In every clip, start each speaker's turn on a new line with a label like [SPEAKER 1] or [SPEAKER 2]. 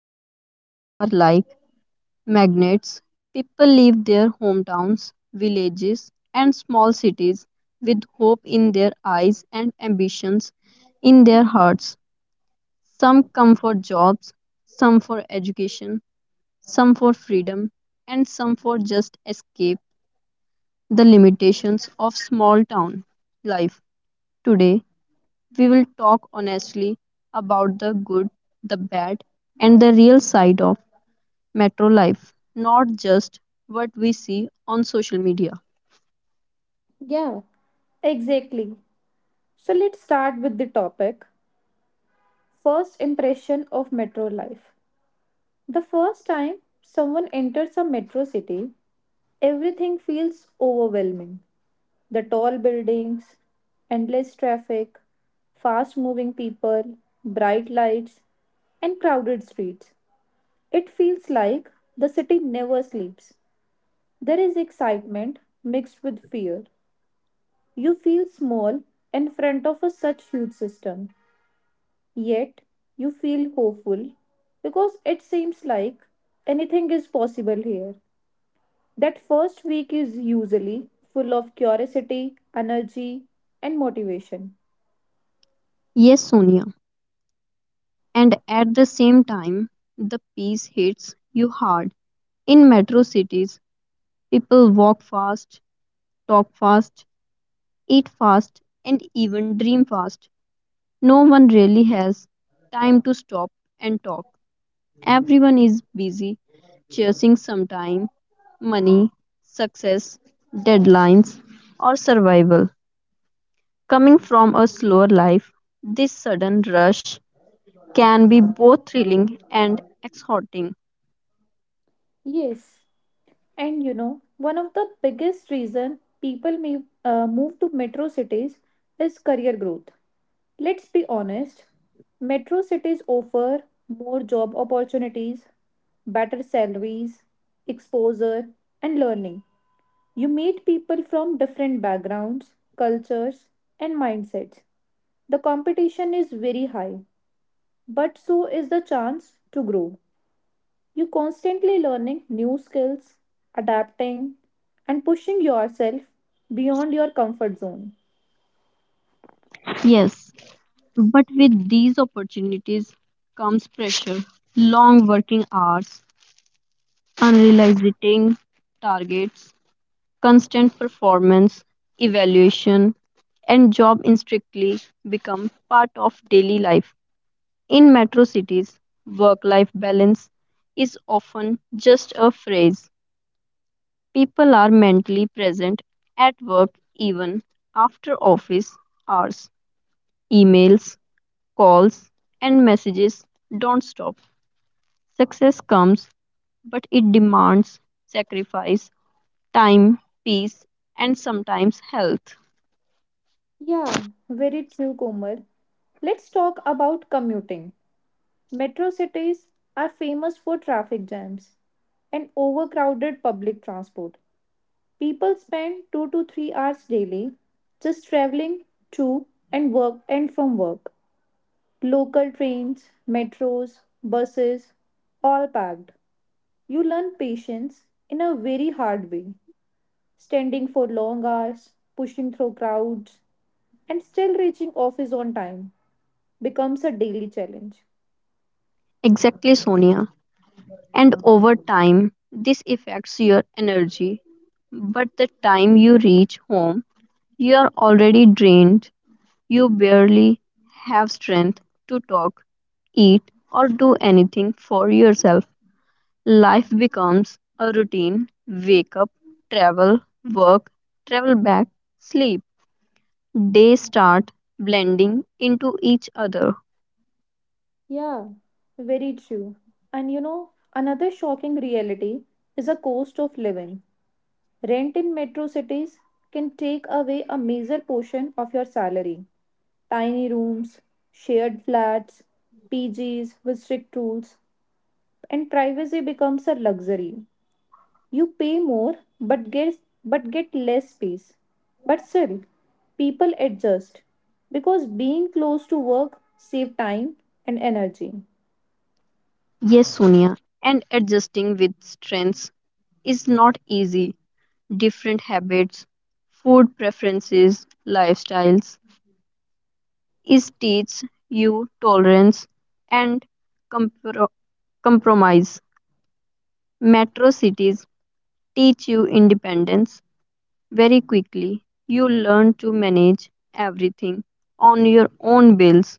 [SPEAKER 1] Metro cities are like magnets. People leave their hometowns, villages, and small cities with hope in their eyes and ambitions in their hearts. Some come for jobs, some for education, some for freedom, and some for just escape the limitations of small town life. Today, we will talk honestly about the good, the bad, and the real side of metro life, not just what we see on social media.
[SPEAKER 2] Yeah, exactly. So let's start with the topic first impression of metro life. The first time someone enters a metro city, everything feels overwhelming. The tall buildings, endless traffic, fast moving people, bright lights, and crowded streets. It feels like the city never sleeps. There is excitement mixed with fear. You feel small in front of a such huge system, yet you feel hopeful because it seems like anything is possible here. That first week is usually full of curiosity, energy, and motivation.
[SPEAKER 1] Yes, Sonia. And at the same time, the peace hits you hard. In metro cities, people walk fast, talk fast, eat fast, and even dream fast. No one really has time to stop and talk. Everyone is busy chasing some time, money, success, deadlines, or survival. Coming from a slower life, this sudden rush can be both thrilling and exhausting.
[SPEAKER 2] Yes, and you know, one of the biggest reason people may move to metro cities is career growth. Let's be honest, metro cities offer more job opportunities, better salaries, exposure, and learning. You meet people from different backgrounds, cultures, and mindsets. The competition is very high, but so is the chance to grow. You're constantly learning new skills, adapting, and pushing yourself beyond your comfort zone.
[SPEAKER 1] Yes, but with these opportunities comes pressure, long working hours, unrealistic targets, constant performance evaluation, and job instinctively become part of daily life. In metro cities, work life balance is often just a phrase. People are mentally present at work even after office hours. Emails, calls, and messages don't stop. Success comes, but it demands sacrifice, time, peace, and sometimes health.
[SPEAKER 2] Yeah, very true, Komal. Let's talk about commuting. Metro cities are famous for traffic jams and overcrowded public transport. People spend 2 to 3 hours daily just traveling to and work and from work. Local trains, metros, buses, all packed. You learn patience in a very hard way, standing for long hours, pushing through crowds, and still reaching office on time becomes a daily challenge.
[SPEAKER 1] Exactly, Sonia. And over time, this affects your energy. But the time you reach home, you are already drained. You barely have strength to talk, eat, or do anything for yourself. Life becomes a routine: wake up, travel, work, travel back, sleep. Days start blending into each other.
[SPEAKER 2] Yeah, very true. And you know, another shocking reality is a cost of living. Rent in metro cities can take away a major portion of your salary. Tiny rooms, shared flats, PGs with strict rules, and privacy becomes a luxury. You pay more but get but get less space. But still, people adjust because being close to work save time and energy.
[SPEAKER 1] Yes, Sonia, and adjusting with strengths is not easy. Different habits, food preferences, lifestyles. It teaches you tolerance and compro- compromise. Metro cities teach you independence very quickly. You learn to manage everything on your own: bills,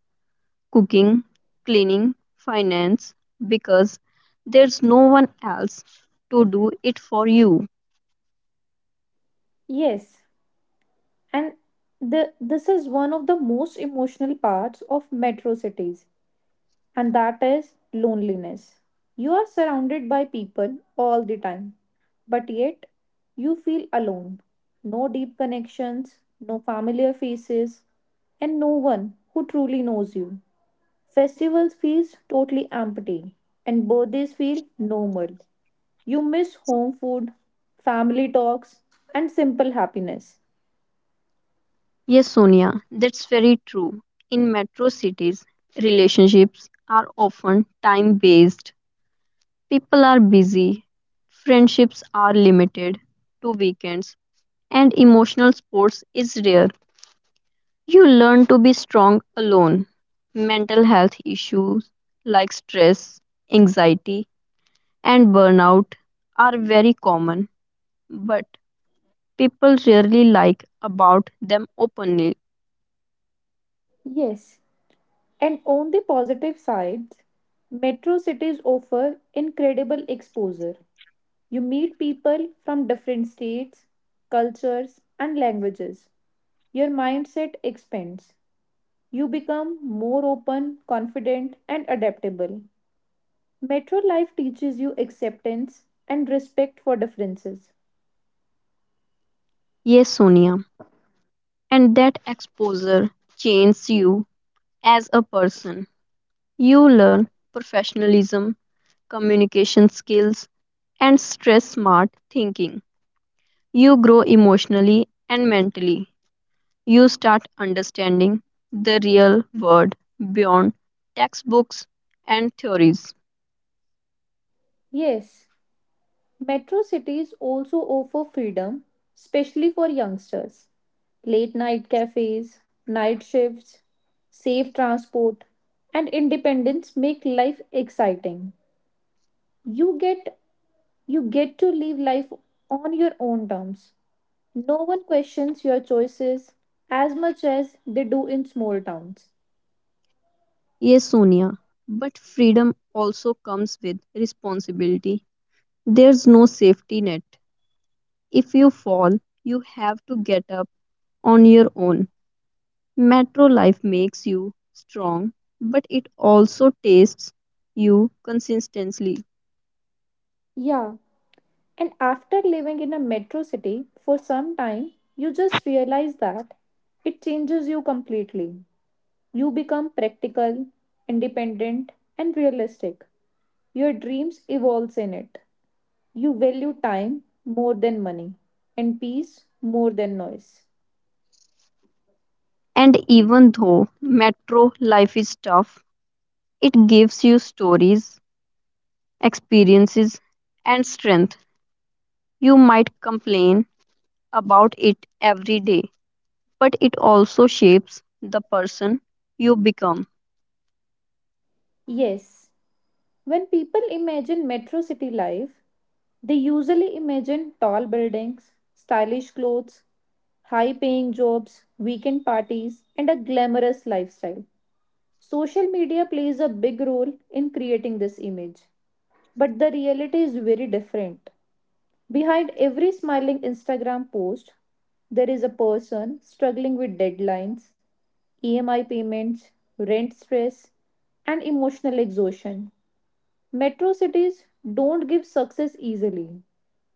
[SPEAKER 1] cooking, cleaning, finance, because there's no one else to do it for you.
[SPEAKER 2] Yes, and the this is one of the most emotional parts of metro cities, and that is loneliness. You are surrounded by people all the time, but yet you feel alone. No deep connections, no familiar faces, and no one who truly knows you. Festivals feels totally empty and birthdays feel normal. You miss home food, family talks and simple happiness.
[SPEAKER 1] Yes, Sonia, that's very true. In metro cities, relationships are often time based. People are busy, friendships are limited to weekends, and emotional sports is rare. You learn to be strong alone. Mental health issues like stress, anxiety, and burnout are very common, but people rarely like about them openly.
[SPEAKER 2] Yes, and on the positive sides, metro cities offer incredible exposure. You meet people from different states, cultures and languages. Your mindset expands. You become more open, confident and adaptable. Metro life teaches you acceptance and respect for differences.
[SPEAKER 1] Yes, Sonia, and that exposure changes you as a person. You learn professionalism, communication skills, and stress smart thinking. You grow emotionally and mentally. You start understanding the real world beyond textbooks and theories.
[SPEAKER 2] Yes, metro cities also offer freedom, especially for youngsters. Late night cafes, night shifts, safe transport, and independence make life exciting. You get you get to live life on your own terms. No one questions your choices as much as they do in small towns.
[SPEAKER 1] Yes, Sonia, but freedom also comes with responsibility. There's no safety net. If you fall, you have to get up on your own. Metro life makes you strong, but it also tastes you consistently.
[SPEAKER 2] Yeah, and after living in a metro city for some time, you just realize that it changes you completely. You become practical, independent, and realistic. Your dreams evolves in it. You value time more than money and peace more than noise.
[SPEAKER 1] And even though metro life is tough, it gives you stories, experiences, and strength. You might complain about it every day, but it also shapes the person you become.
[SPEAKER 2] Yes, when people imagine metro city life, they usually imagine tall buildings, stylish clothes, high paying jobs, weekend parties, and a glamorous lifestyle. Social media plays a big role in creating this image, but the reality is very different. Behind every smiling Instagram post, there is a person struggling with deadlines, EMI payments, rent stress, and emotional exhaustion. Metro cities don't give success easily,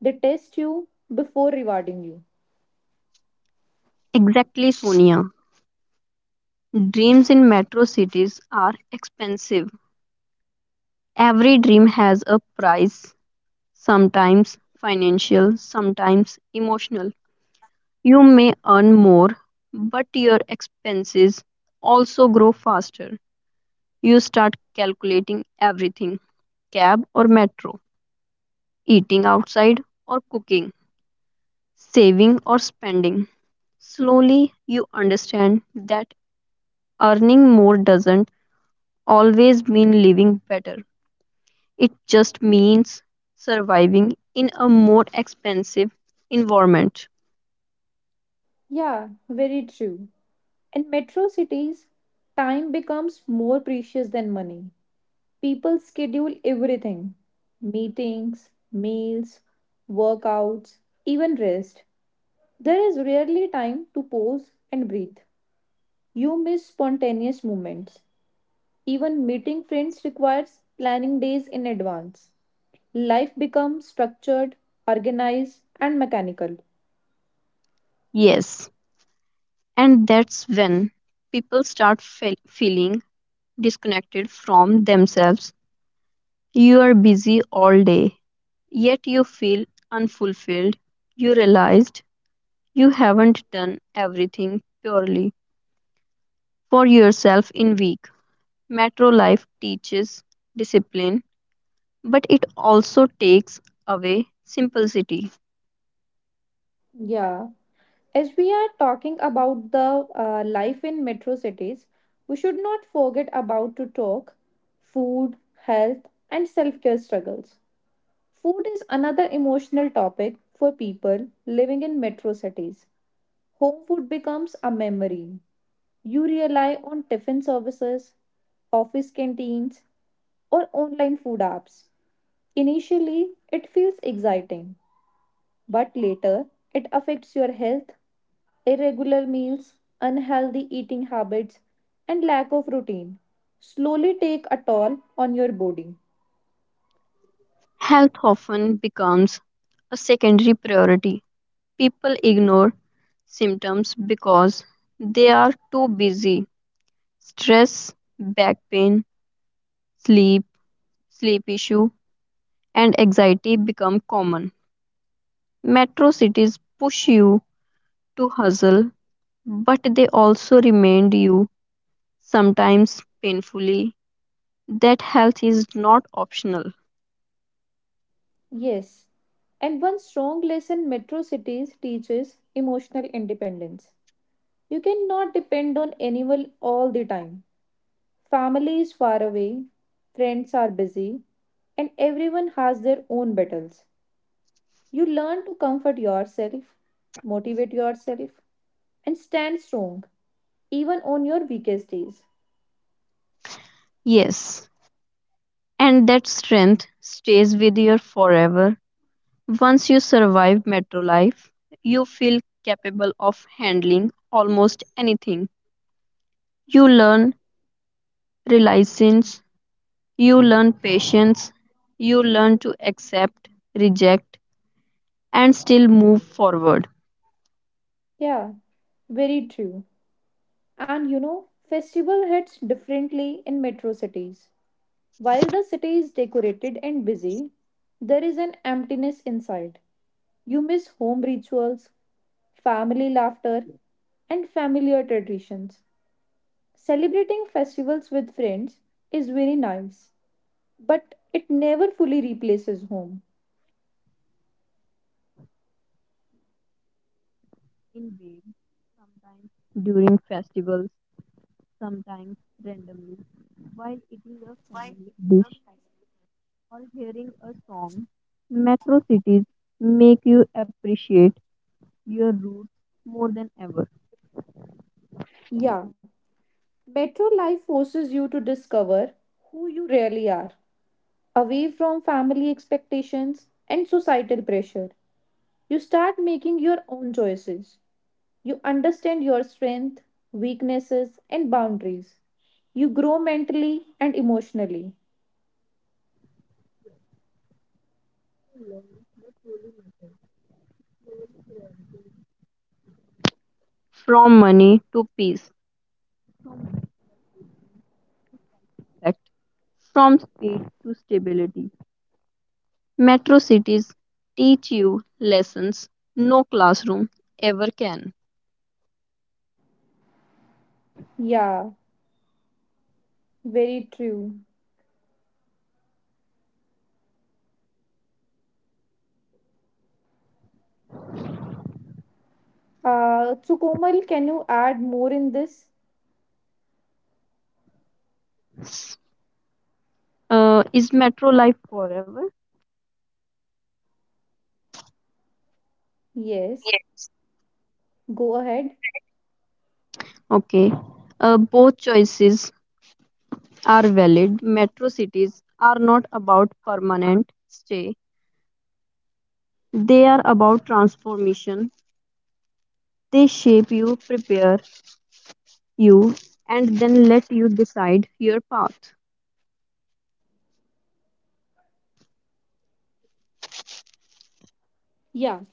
[SPEAKER 2] they test you before rewarding you.
[SPEAKER 1] Exactly, Sonia. Dreams in metro cities are expensive. Every dream has a price, sometimes financial, sometimes emotional. You may earn more, but your expenses also grow faster. You start calculating everything: cab or metro, eating outside or cooking, saving or spending. Slowly, you understand that earning more doesn't always mean living better. It just means surviving in a more expensive environment.
[SPEAKER 2] Yeah, very true. In metro cities, time becomes more precious than money. People schedule everything meetings, meals, workouts, even rest. There is rarely time to pause and breathe. You miss spontaneous moments. Even meeting friends requires planning days in advance. Life becomes structured, organized, and mechanical.
[SPEAKER 1] Yes. And that's when people start feeling disconnected from themselves. You are busy all day, yet you feel unfulfilled. You realized you haven't done everything purely for yourself in week. Metro life teaches discipline, but it also takes away simplicity.
[SPEAKER 2] Yeah. As we are talking about the life in metro cities, we should not forget about to talk food, health, and self care struggles. Food is another emotional topic for people living in metro cities. Home food becomes a memory. You rely on tiffin services, office canteens, or online food apps. Initially, it feels exciting, but later, it affects your health, irregular meals, unhealthy eating habits, and lack of routine slowly take a toll on your body.
[SPEAKER 1] Health often becomes a secondary priority. People ignore symptoms because they are too busy. Stress, back pain, sleep, sleep issue, and anxiety become common. Metro cities push you to hustle, but they also remind you, sometimes painfully, that health is not optional.
[SPEAKER 2] Yes. And one strong lesson metro cities teaches emotional independence. You cannot depend on anyone all the time. Family is far away, friends are busy, and everyone has their own battles. You learn to comfort yourself, motivate yourself, and stand strong, even on your weakest days.
[SPEAKER 1] Yes, and that strength stays with you forever. Once you survive metro life, you feel capable of handling almost anything. You learn resilience, you learn patience, you learn to accept, reject, and still move forward.
[SPEAKER 2] Yeah, very true. And you know, festival hits differently in metro cities. While the city is decorated and busy, there is an emptiness inside. You miss home rituals, family laughter, and familiar traditions. Celebrating festivals with friends is very nice, but it never fully replaces home.
[SPEAKER 1] In waves, sometimes during festivals, sometimes randomly, while eating a family dish or hearing a song, metro cities make you appreciate your roots more than ever.
[SPEAKER 2] Yeah, metro life forces you to discover who you really are. Away from family expectations and societal pressure, you start making your own choices. You understand your strength, weaknesses, and boundaries. You grow mentally and emotionally.
[SPEAKER 1] From money to peace. Fact. From speed to stability. Metro cities teach you lessons no classroom ever can.
[SPEAKER 2] Yeah, very true. So, Komal, can you add more in this?
[SPEAKER 1] Is metro life forever?
[SPEAKER 2] Yes,
[SPEAKER 1] Yes.
[SPEAKER 2] go ahead.
[SPEAKER 1] Okay. Both choices are valid. Metro cities are not about permanent stay, they are about transformation. They shape you, prepare you, and then let you decide your path.
[SPEAKER 2] Yeah.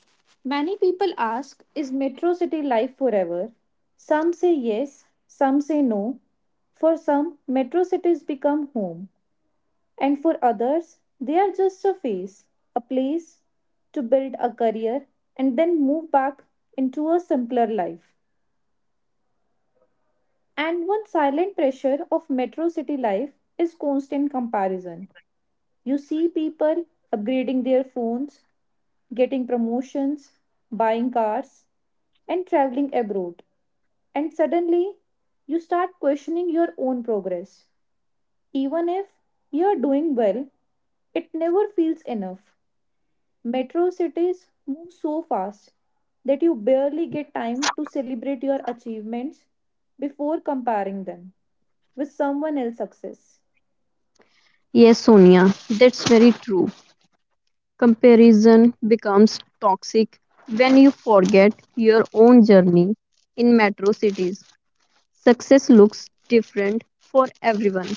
[SPEAKER 2] Many people ask, is metro city life forever? Some say yes, some say no. For some, metro cities become home. And for others, they are just a phase, a place to build a career and then move back into a simpler life. And one silent pressure of metro city life is constant comparison. You see people upgrading their phones, getting promotions, buying cars, and traveling abroad. And suddenly, you start questioning your own progress. Even if you are doing well, it never feels enough. Metro cities move so fast that you barely get time to celebrate your achievements before comparing them with someone else's success.
[SPEAKER 1] Yes, Sonia, that's very true. Comparison becomes toxic when you forget your own journey in metro cities. Success looks different for everyone,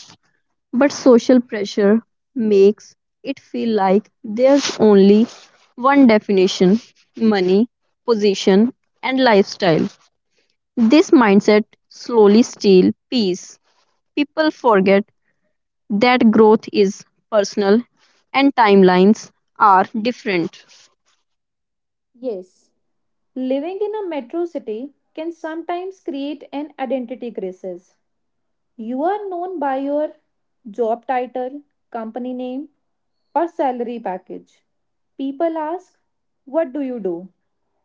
[SPEAKER 1] but social pressure makes it feel like there's only one definition: money, position, and lifestyle. This mindset slowly steals peace. People forget that growth is personal and timelines are different.
[SPEAKER 2] Yes, living in a metro city can sometimes create an identity crisis. You are known by your job title, company name, or salary package. People ask, what do you do?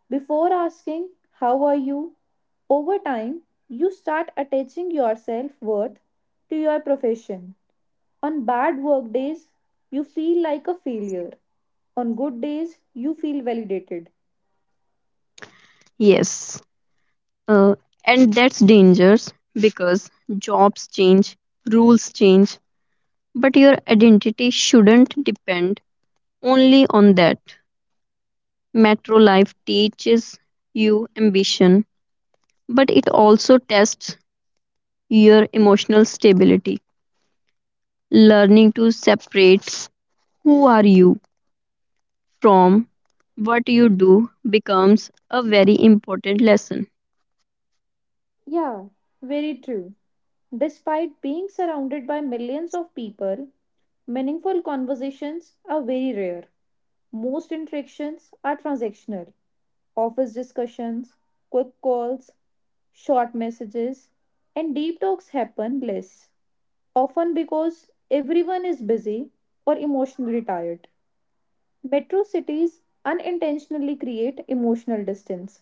[SPEAKER 2] Before asking, how are you? Over time, you start attaching your self worth to your profession. On bad work days, you feel like a failure. On good days, you feel validated.
[SPEAKER 1] Yes. Uh, and that's dangerous because jobs change, rules change, but your identity shouldn't depend only on that. Metro life teaches you ambition, but it also tests your emotional stability. Learning to separate who are you from what you do becomes a very important lesson.
[SPEAKER 2] Yeah, very true. Despite being surrounded by millions of people, meaningful conversations are very rare. Most interactions are transactional office discussions, quick calls, short messages, and deep talks happen less, often because everyone is busy or emotionally tired. Metro cities unintentionally create emotional distance.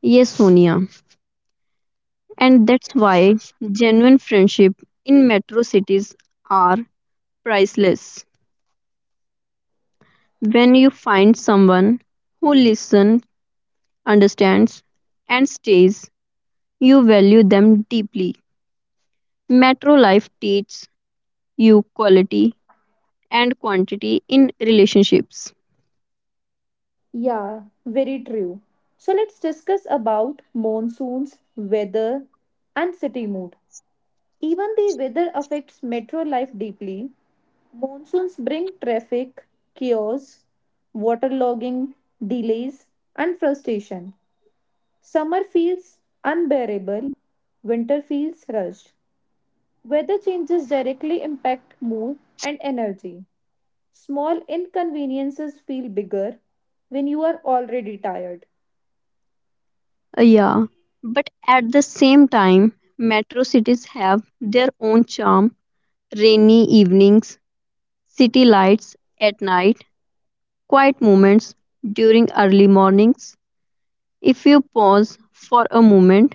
[SPEAKER 1] Yes, Sonia. And that's why genuine friendship in metro cities are priceless. When you find someone who listens, understands, and stays, you value them deeply. Metro life teaches you quality and quantity in relationships.
[SPEAKER 2] Yeah, very true. So let's discuss about monsoons, weather, and city mood. Even the weather affects metro life deeply. Monsoons bring traffic, chaos, waterlogging, delays, and frustration. Summer feels unbearable, winter feels rushed. Weather changes directly impact mood and energy. Small inconveniences feel bigger when you are already tired.
[SPEAKER 1] Yeah, but at the same time, metro cities have their own charm: rainy evenings, city lights at night, quiet moments during early mornings. If you pause for a moment,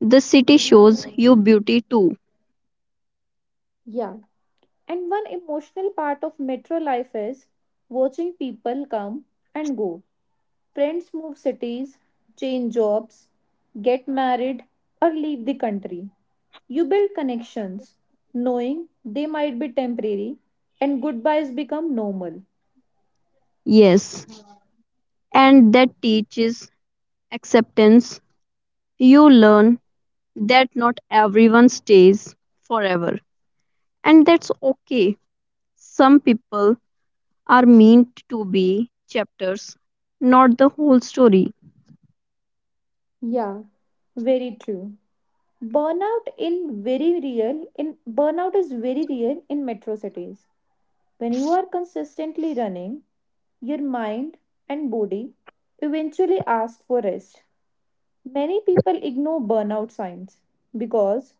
[SPEAKER 1] the city shows you beauty too.
[SPEAKER 2] Yeah, and one emotional part of metro life is watching people come and go. Friends move cities, change jobs, get married, or leave the country. You build connections, knowing they might be temporary, and goodbyes become normal.
[SPEAKER 1] Yes, and that teaches acceptance. You learn that not everyone stays forever, and that's okay. Some people are meant to be chapters, not the whole story.
[SPEAKER 2] Yeah, very true. Burnout in very real in Burnout is very real in metro cities. When you are consistently running, your mind and body eventually ask for rest. Many people ignore burnout signs because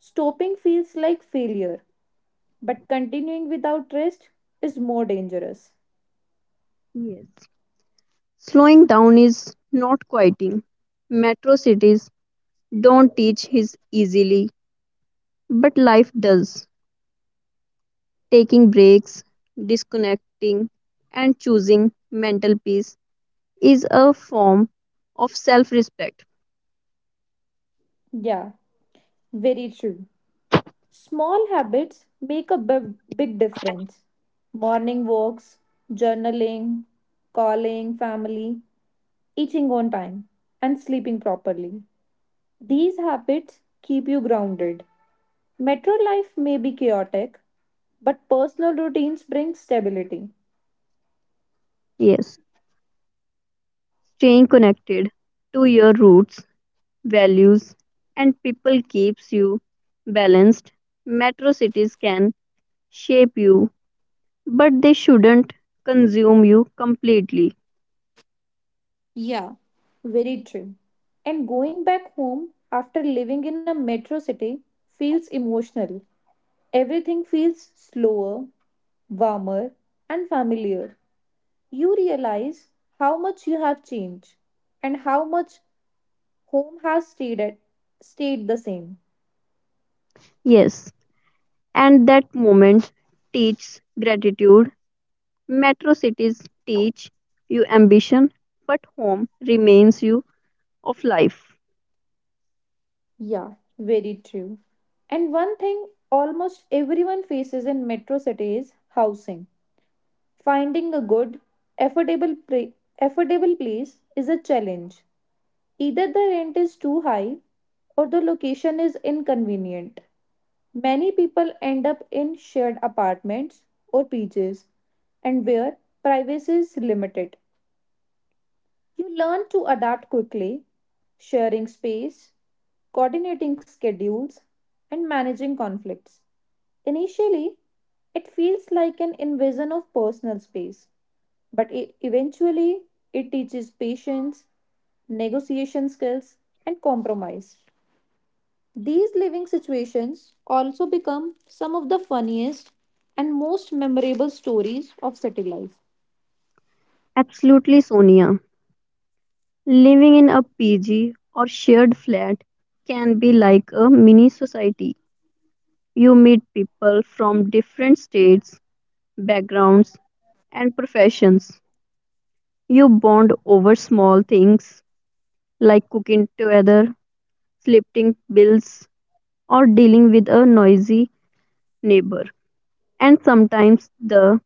[SPEAKER 2] stopping feels like failure, but continuing without rest is more dangerous.
[SPEAKER 1] Yes. Slowing down is not quieting. Metro cities don't teach his easily, but life does. Taking breaks, disconnecting, and choosing mental peace is a form of self respect.
[SPEAKER 2] Yeah, very true. Small habits make a big, big difference. Morning walks, journaling, calling family, eating on time, and sleeping properly. These habits keep you grounded. Metro life may be chaotic, but personal routines bring stability.
[SPEAKER 1] Yes, staying connected to your roots, values, and people keeps you balanced. Metro cities can shape you, but they shouldn't consume you completely.
[SPEAKER 2] Yeah, very true. And going back home after living in a metro city feels emotional. Everything feels slower, warmer, and familiar. You realize how much you have changed and how much home has stayed at, stayed the same.
[SPEAKER 1] Yes, and that moment teaches gratitude. Metro cities teach you ambition, but home remains you of life.
[SPEAKER 2] Yeah, very true. And one thing almost everyone faces in metro cities housing. Finding a good, affordable, pra- affordable place is a challenge. Either the rent is too high or the location is inconvenient. Many people end up in shared apartments or PJs and where privacy is limited. You learn to adapt quickly, sharing space, coordinating schedules, and managing conflicts. Initially, it feels like an invasion of personal space, but eventually, it teaches patience, negotiation skills, and compromise. These living situations also become some of the funniest and most memorable stories of city life.
[SPEAKER 1] Absolutely, Sonia. Living in a PG or shared flat can be like a mini society. You meet people from different states, backgrounds, and professions. You bond over small things like cooking together, splitting bills, or dealing with a noisy neighbor. And sometimes the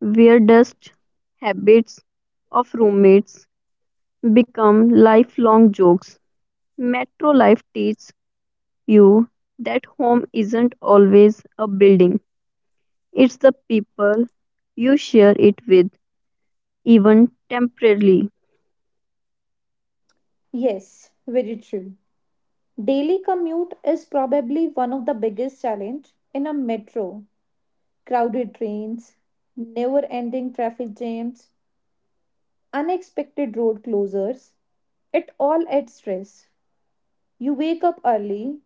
[SPEAKER 1] where dust habits of roommates become lifelong jokes. Metro life teaches you that home isn't always a building, it's the people you share it with, even temporarily.
[SPEAKER 2] Yes, very true. Daily commute is probably one of the biggest challenge in a metro. Crowded trains, never-ending traffic jams, unexpected road closures, it all adds stress. You wake up early,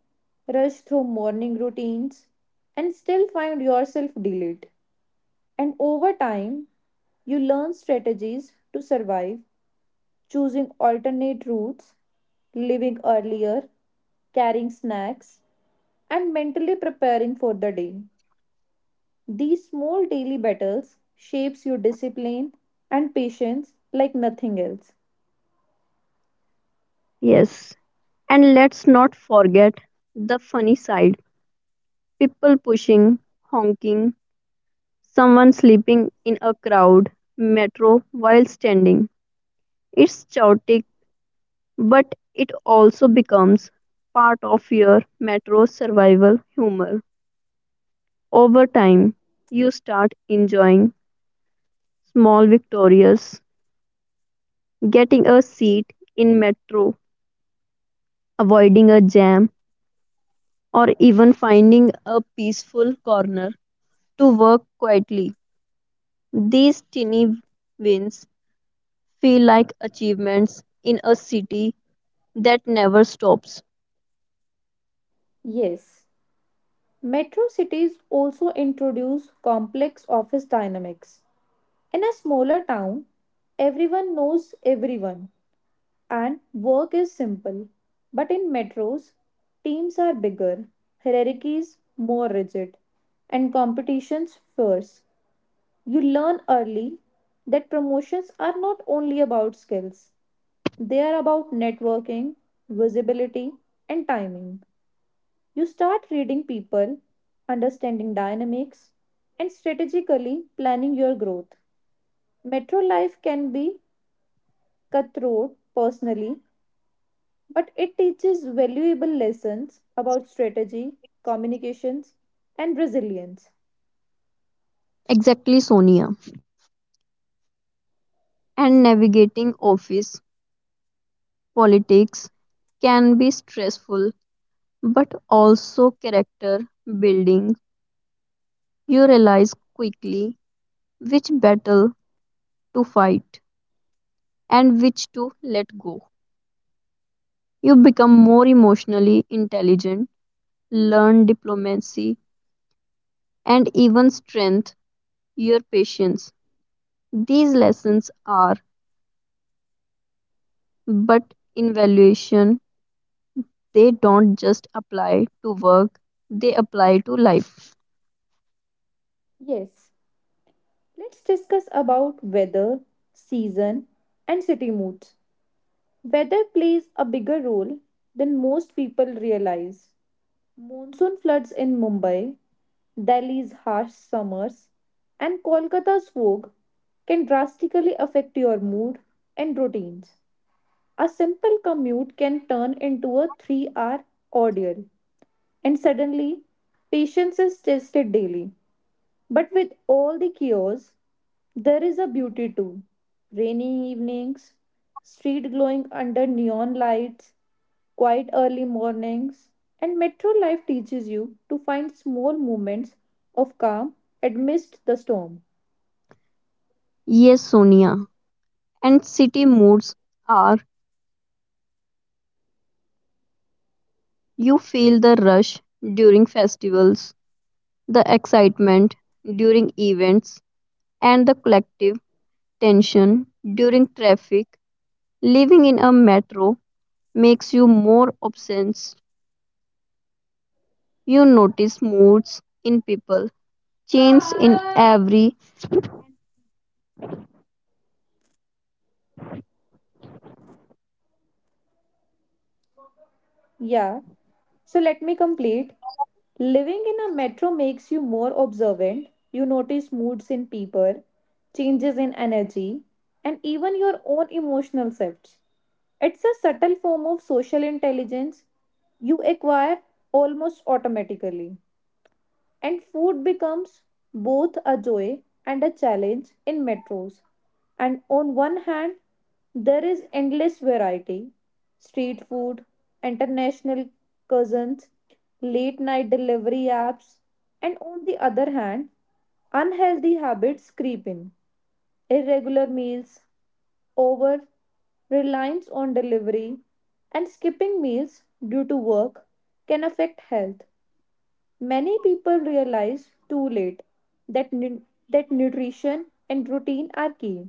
[SPEAKER 2] rush through morning routines, and still find yourself delayed. And over time, you learn strategies to survive, choosing alternate routes, leaving earlier, carrying snacks, and mentally preparing for the day. These small daily battles shapes your discipline and patience like nothing else.
[SPEAKER 1] Yes. And let's not forget the funny side: people pushing, honking, someone sleeping in a crowd, metro while standing. It's chaotic, but it also becomes part of your metro survival humor. Over time, you start enjoying small victorias, getting a seat in metro, avoiding a jam, or even finding a peaceful corner to work quietly. These tiny wins feel like achievements in a city that never stops.
[SPEAKER 2] Yes, metro cities also introduce complex office dynamics. In a smaller town, everyone knows everyone and work is simple. But in metros, teams are bigger, hierarchies more rigid, and competitions fierce. You learn early that promotions are not only about skills, they are about networking, visibility, and timing. You start reading people, understanding dynamics, and strategically planning your growth. Metro life can be cutthroat personally but it teaches valuable lessons about strategy, communications, and resilience.
[SPEAKER 1] Exactly, Sonia. And navigating office politics can be stressful but also character building. You realize quickly which battle to fight and which to let go. You become more emotionally intelligent, learn diplomacy, and even strengthen your patience. These lessons are, but in valuation, they don't just apply to work, they apply to life.
[SPEAKER 2] Yes, let's discuss about weather, season, and city moods. Weather plays a bigger role than most people realize. Monsoon floods in Mumbai, Delhi's harsh summers, and Kolkata's fog can drastically affect your mood and routines. A simple commute can turn into a 3-hour ordeal. And suddenly, patience is tested daily. But with all the chaos, there is a beauty too. Rainy evenings, street glowing under neon lights, quiet early mornings, and metro life teaches you to find small moments of calm amidst the storm.
[SPEAKER 1] Yes, Sonia, and city moods are. You feel the rush during festivals, the excitement during events, and the collective tension during traffic. Living in a metro makes you more obsessed. You notice moods in people, change in every
[SPEAKER 2] Yeah, so let me complete. Living in a metro makes you more observant. You notice moods in people, changes in energy, and even your own emotional shifts. It's a subtle form of social intelligence you acquire almost automatically. And food becomes both a joy and a challenge in metros. And on one hand, there is endless variety, street food, international cousins, late night delivery apps, and on the other hand, unhealthy habits creep in. Irregular meals, over reliance on delivery, and skipping meals due to work can affect health. Many people realize too late that, nu- that nutrition and routine are key.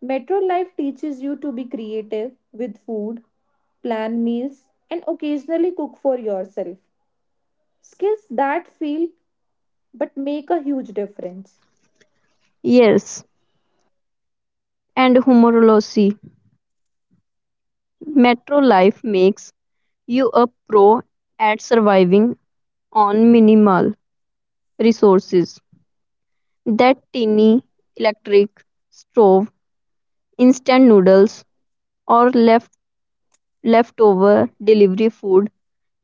[SPEAKER 2] Metro life teaches you to be creative with food, plan meals, and occasionally cook for yourself. Skills that feel but make a huge difference.
[SPEAKER 1] yes, and humorlessly. Metro life makes you a pro at surviving on minimal resources. That tiny electric stove, instant noodles, or leftover delivery food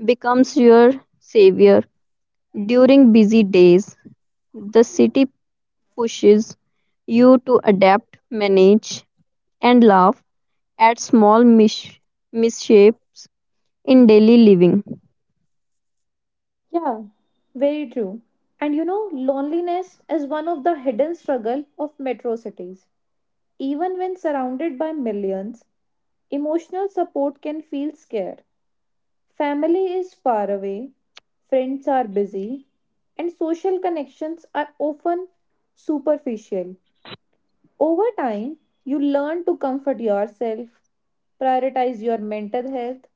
[SPEAKER 1] becomes your savior during busy days. The city pushes you to adapt, manage, and laugh at small misshapes in daily living.
[SPEAKER 2] Yeah, very true. And you know, loneliness is one of the hidden struggle of metro cities. Even when surrounded by millions, emotional support can feel scarce. Family is far away, friends are busy, and social connections are often superficial. Over time, you learn to comfort yourself, prioritize your mental health,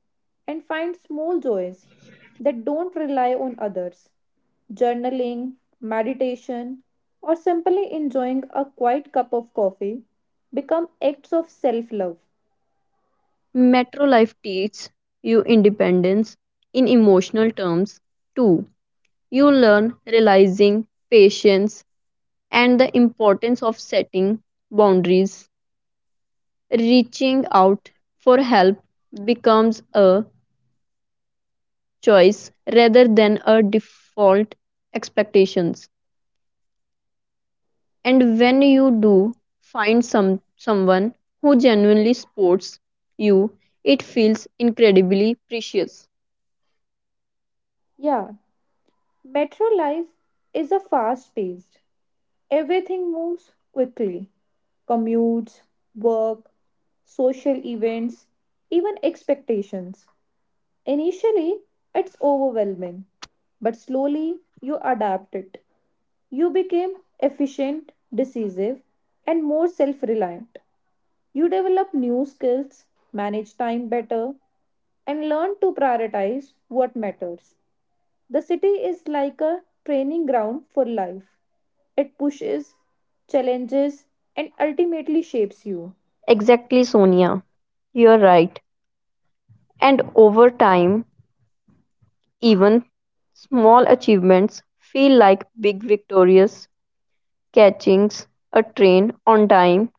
[SPEAKER 2] and find small joys that don't rely on others. Journaling, meditation, or simply enjoying a quiet cup of coffee become acts of self love.
[SPEAKER 1] Metro life teaches you independence in emotional terms too. You learn realizing patience and the importance of setting boundaries. Reaching out for help becomes a choice rather than a default expectations, and when you do find someone who genuinely supports you, it feels incredibly precious.
[SPEAKER 2] Yeah, metro life is a fast paced. Everything moves quickly, commutes, work, social events, even expectations. Initially, it's overwhelming, but slowly you adapt it. You become efficient, decisive, and more self reliant. You develop new skills, manage time better, and learn to prioritize what matters. The city is like a training ground for life. It pushes, challenges, and ultimately shapes you.
[SPEAKER 1] Exactly, Sonia, you're right. And over time, even small achievements feel like big victorious: catching a train on time,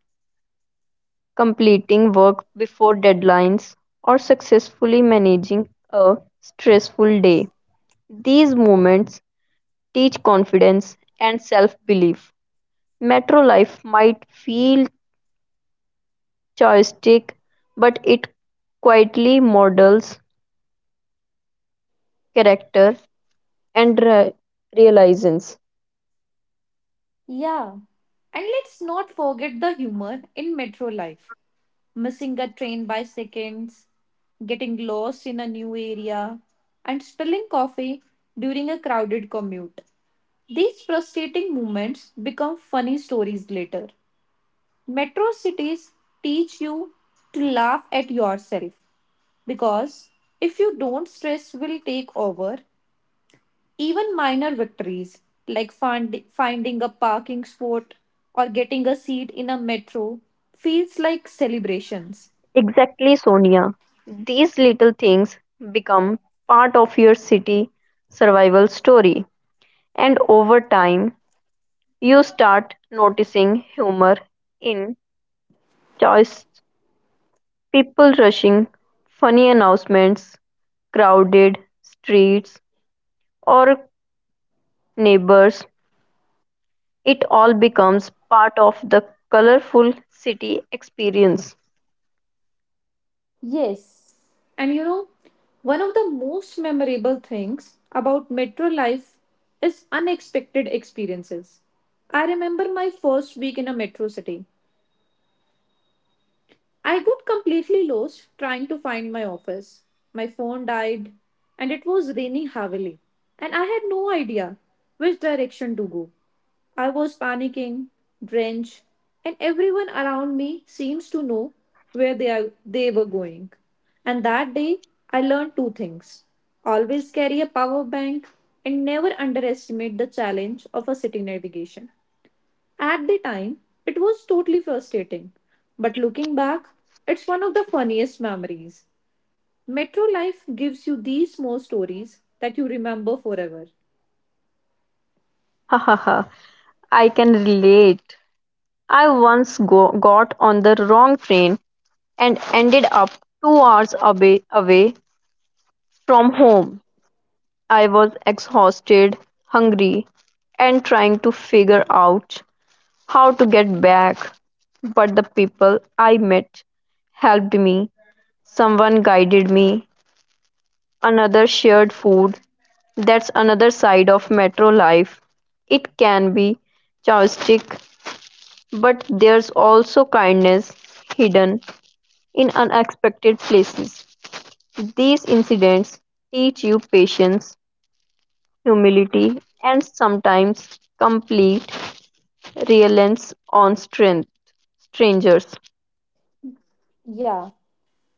[SPEAKER 1] completing work before deadlines, or successfully managing a stressful day. These moments teach confidence and self belief. Metro life might feel choistic, but it quietly models character and realizations.
[SPEAKER 2] Yeah. And let's not forget the humor in metro life. Missing a train by seconds, getting lost in a new area, and spilling coffee during a crowded commute. These frustrating moments become funny stories later. Metro cities teach you to laugh at yourself. Because if you don't, stress will take over, even minor victories like finding a parking spot or getting a seat in a metro feels like celebrations.
[SPEAKER 1] Exactly, Sonia. These little things become part of your city survival story, and over time, you start noticing humor in choices, people rushing, funny announcements, crowded streets, or neighbors. It all becomes part of the colorful city experience.
[SPEAKER 2] Yes. And you know, one of the most memorable things about metro life is unexpected experiences. I remember my first week in a metro city. I got completely lost trying to find my office. My phone died, and it was raining heavily, and I had no idea which direction to go. I was panicking, drenched, and everyone around me seems to know where they were going. And that day, I learned two things, always carry a power bank and never underestimate the challenge of a city navigation. At the time, it was totally frustrating, but looking back, it's one of the funniest memories. Metro life gives you these small stories that you remember forever.
[SPEAKER 1] Ha ha ha. I can relate. I once got on the wrong train and ended up 2 hours away from home. I was exhausted, hungry, and trying to figure out how to get back. But the people I met helped me. Someone guided me. Another shared food. That's another side of metro life. It can be chaotic, but there's also kindness hidden in unexpected places. These incidents teach you patience, humility, and sometimes complete reliance on strength, strangers.
[SPEAKER 2] Yeah,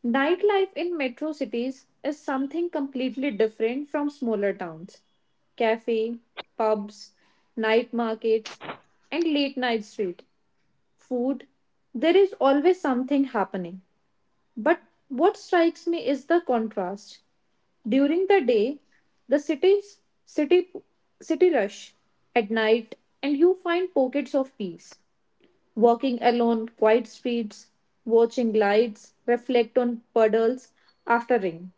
[SPEAKER 2] nightlife in metro cities is something completely different from smaller towns. Cafe, pubs, night markets, and late night street food, there is always something happening. But what strikes me is the contrast. During the day, the city's city city rush at night, and you find pockets of peace. Walking along quiet streets, watching lights reflect on puddles after rain,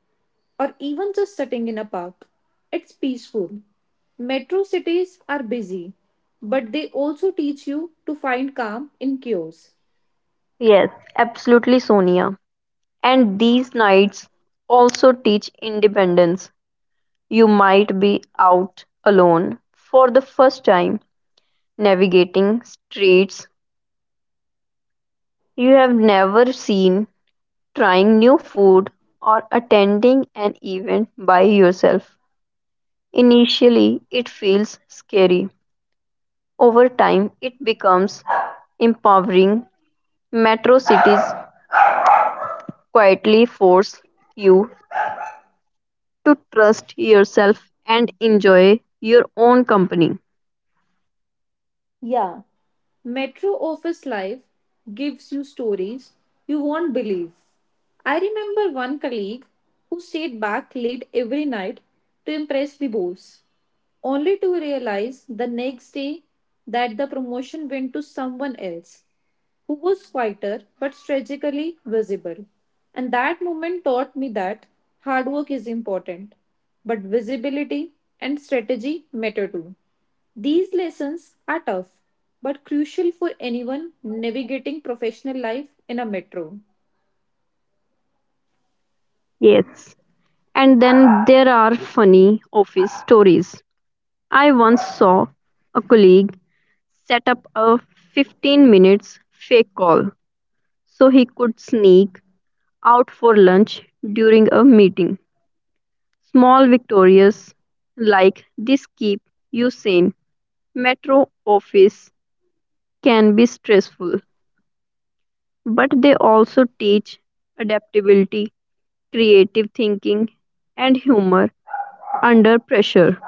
[SPEAKER 2] or even just sitting in a park. It's peaceful. Metro cities are busy, but they also teach you to find calm in chaos.
[SPEAKER 1] Yes, absolutely, Sonia. And these nights also teach independence. You might be out alone for the first time, navigating streets you have never seen, trying new food, or attending an event by yourself. Initially, it feels scary. Over time, it becomes empowering. Metro cities quietly force you to trust yourself and enjoy your own company.
[SPEAKER 2] Yeah, metro office life gives you stories you won't believe. I remember one colleague who stayed back late every night to impress the boss, only to realize the next day that the promotion went to someone else who was quieter but strategically visible. And that moment taught me that hard work is important, but visibility and strategy matter too. These lessons are tough but crucial for anyone navigating professional life in a metro.
[SPEAKER 1] Yes. And then there are funny office stories. I once saw a colleague set up a 15 minutes fake call so he could sneak out for lunch during a meeting. Small victorious like this keep you sane. Metro office can be stressful, but they also teach adaptability, creative thinking, and humor under pressure.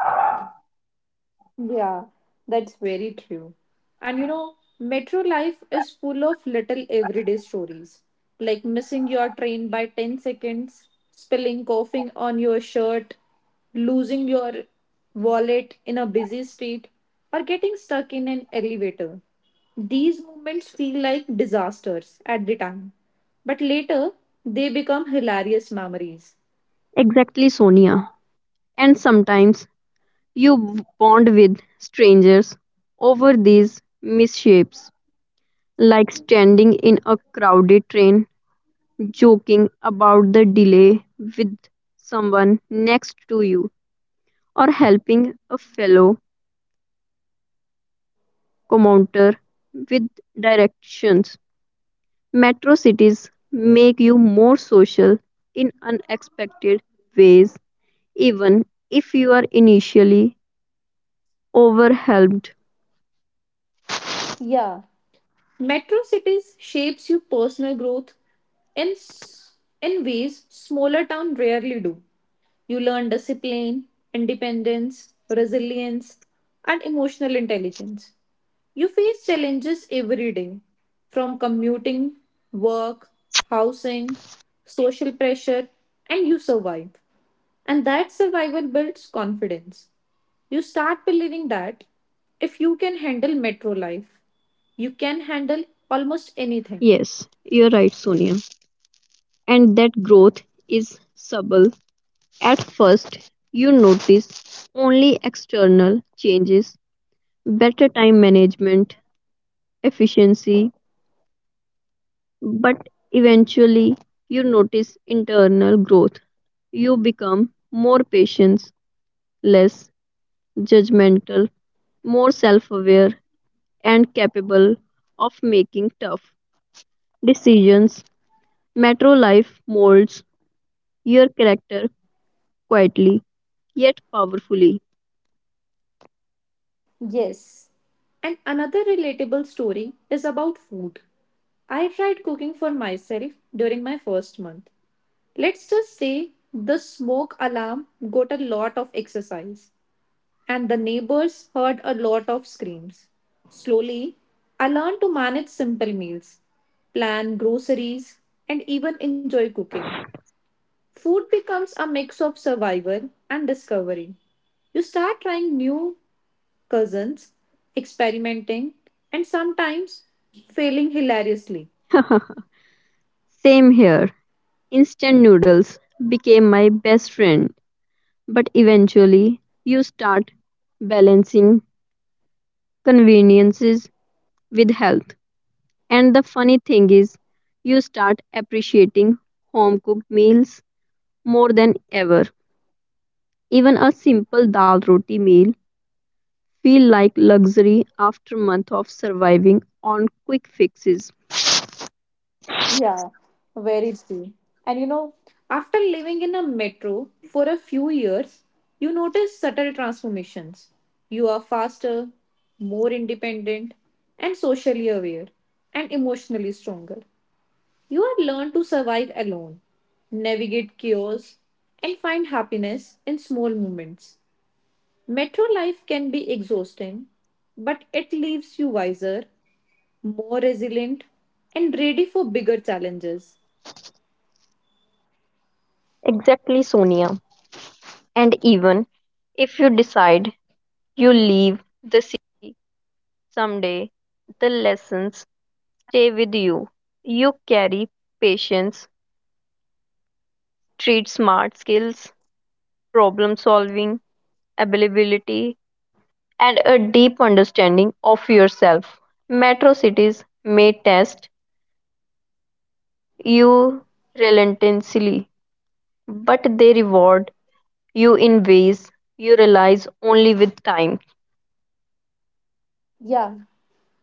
[SPEAKER 2] Yeah, that's very true. And you know, metro life is full of little everyday stories, like missing your train by 10 seconds, spilling coughing on your shirt, losing your wallet in a busy street, or getting stuck in an elevator. These moments feel like disasters at the time, but later they become hilarious memories.
[SPEAKER 1] Exactly, Sonia. And sometimes you bond with strangers over these misshapes, like standing in a crowded train, joking about the delay with someone next to you, or helping a fellow commuter with directions. Metro cities make you more social in unexpected ways, even if you are initially overwhelmed.
[SPEAKER 2] Yeah, metro cities shapes your personal growth in s- in ways smaller town rarely do. You learn discipline, independence, resilience, and emotional intelligence. You face challenges every day, from commuting, work, housing, social pressure, and you survive. And that survival builds confidence. You start believing that if you can handle metro life, you can handle almost anything.
[SPEAKER 1] Yes, you're right, Sonia. And that growth is subtle. At first, you notice only external changes, better time management, efficiency. But eventually, you notice internal growth. You become more patient, less judgmental, more self aware, and capable of making tough decisions. Metro life molds your character quietly yet powerfully.
[SPEAKER 2] Yes. And another relatable story is about food. I tried cooking for myself during my first month. Let's just say the smoke alarm got a lot of exercise, and the neighbors heard a lot of screams. Slowly, I learned to manage simple meals, plan groceries, and even enjoy cooking. Food becomes a mix of survival and discovery. You start trying new cousins, experimenting, and sometimes failing hilariously.
[SPEAKER 1] Same here. Instant noodles became my best friend, but eventually you start balancing conveniences with health. And the funny thing is, you start appreciating home cooked meals more than ever. Even a simple dal roti meal feel like luxury after month of surviving on quick fixes.
[SPEAKER 2] Yeah, very true. And you know, after living in a metro for a few years, you notice subtle transformations. You are faster, more independent, and socially aware, and emotionally stronger. You had learned to survive alone, navigate chaos, and find happiness in small moments. Metro life can be exhausting, but it leaves you wiser, more resilient, and ready for bigger challenges.
[SPEAKER 1] Exactly, Sonia. And even if you decide you leave, yourself. Metro cities may test you relentlessly, but they reward you in ways you realize only with time.
[SPEAKER 2] Yeah.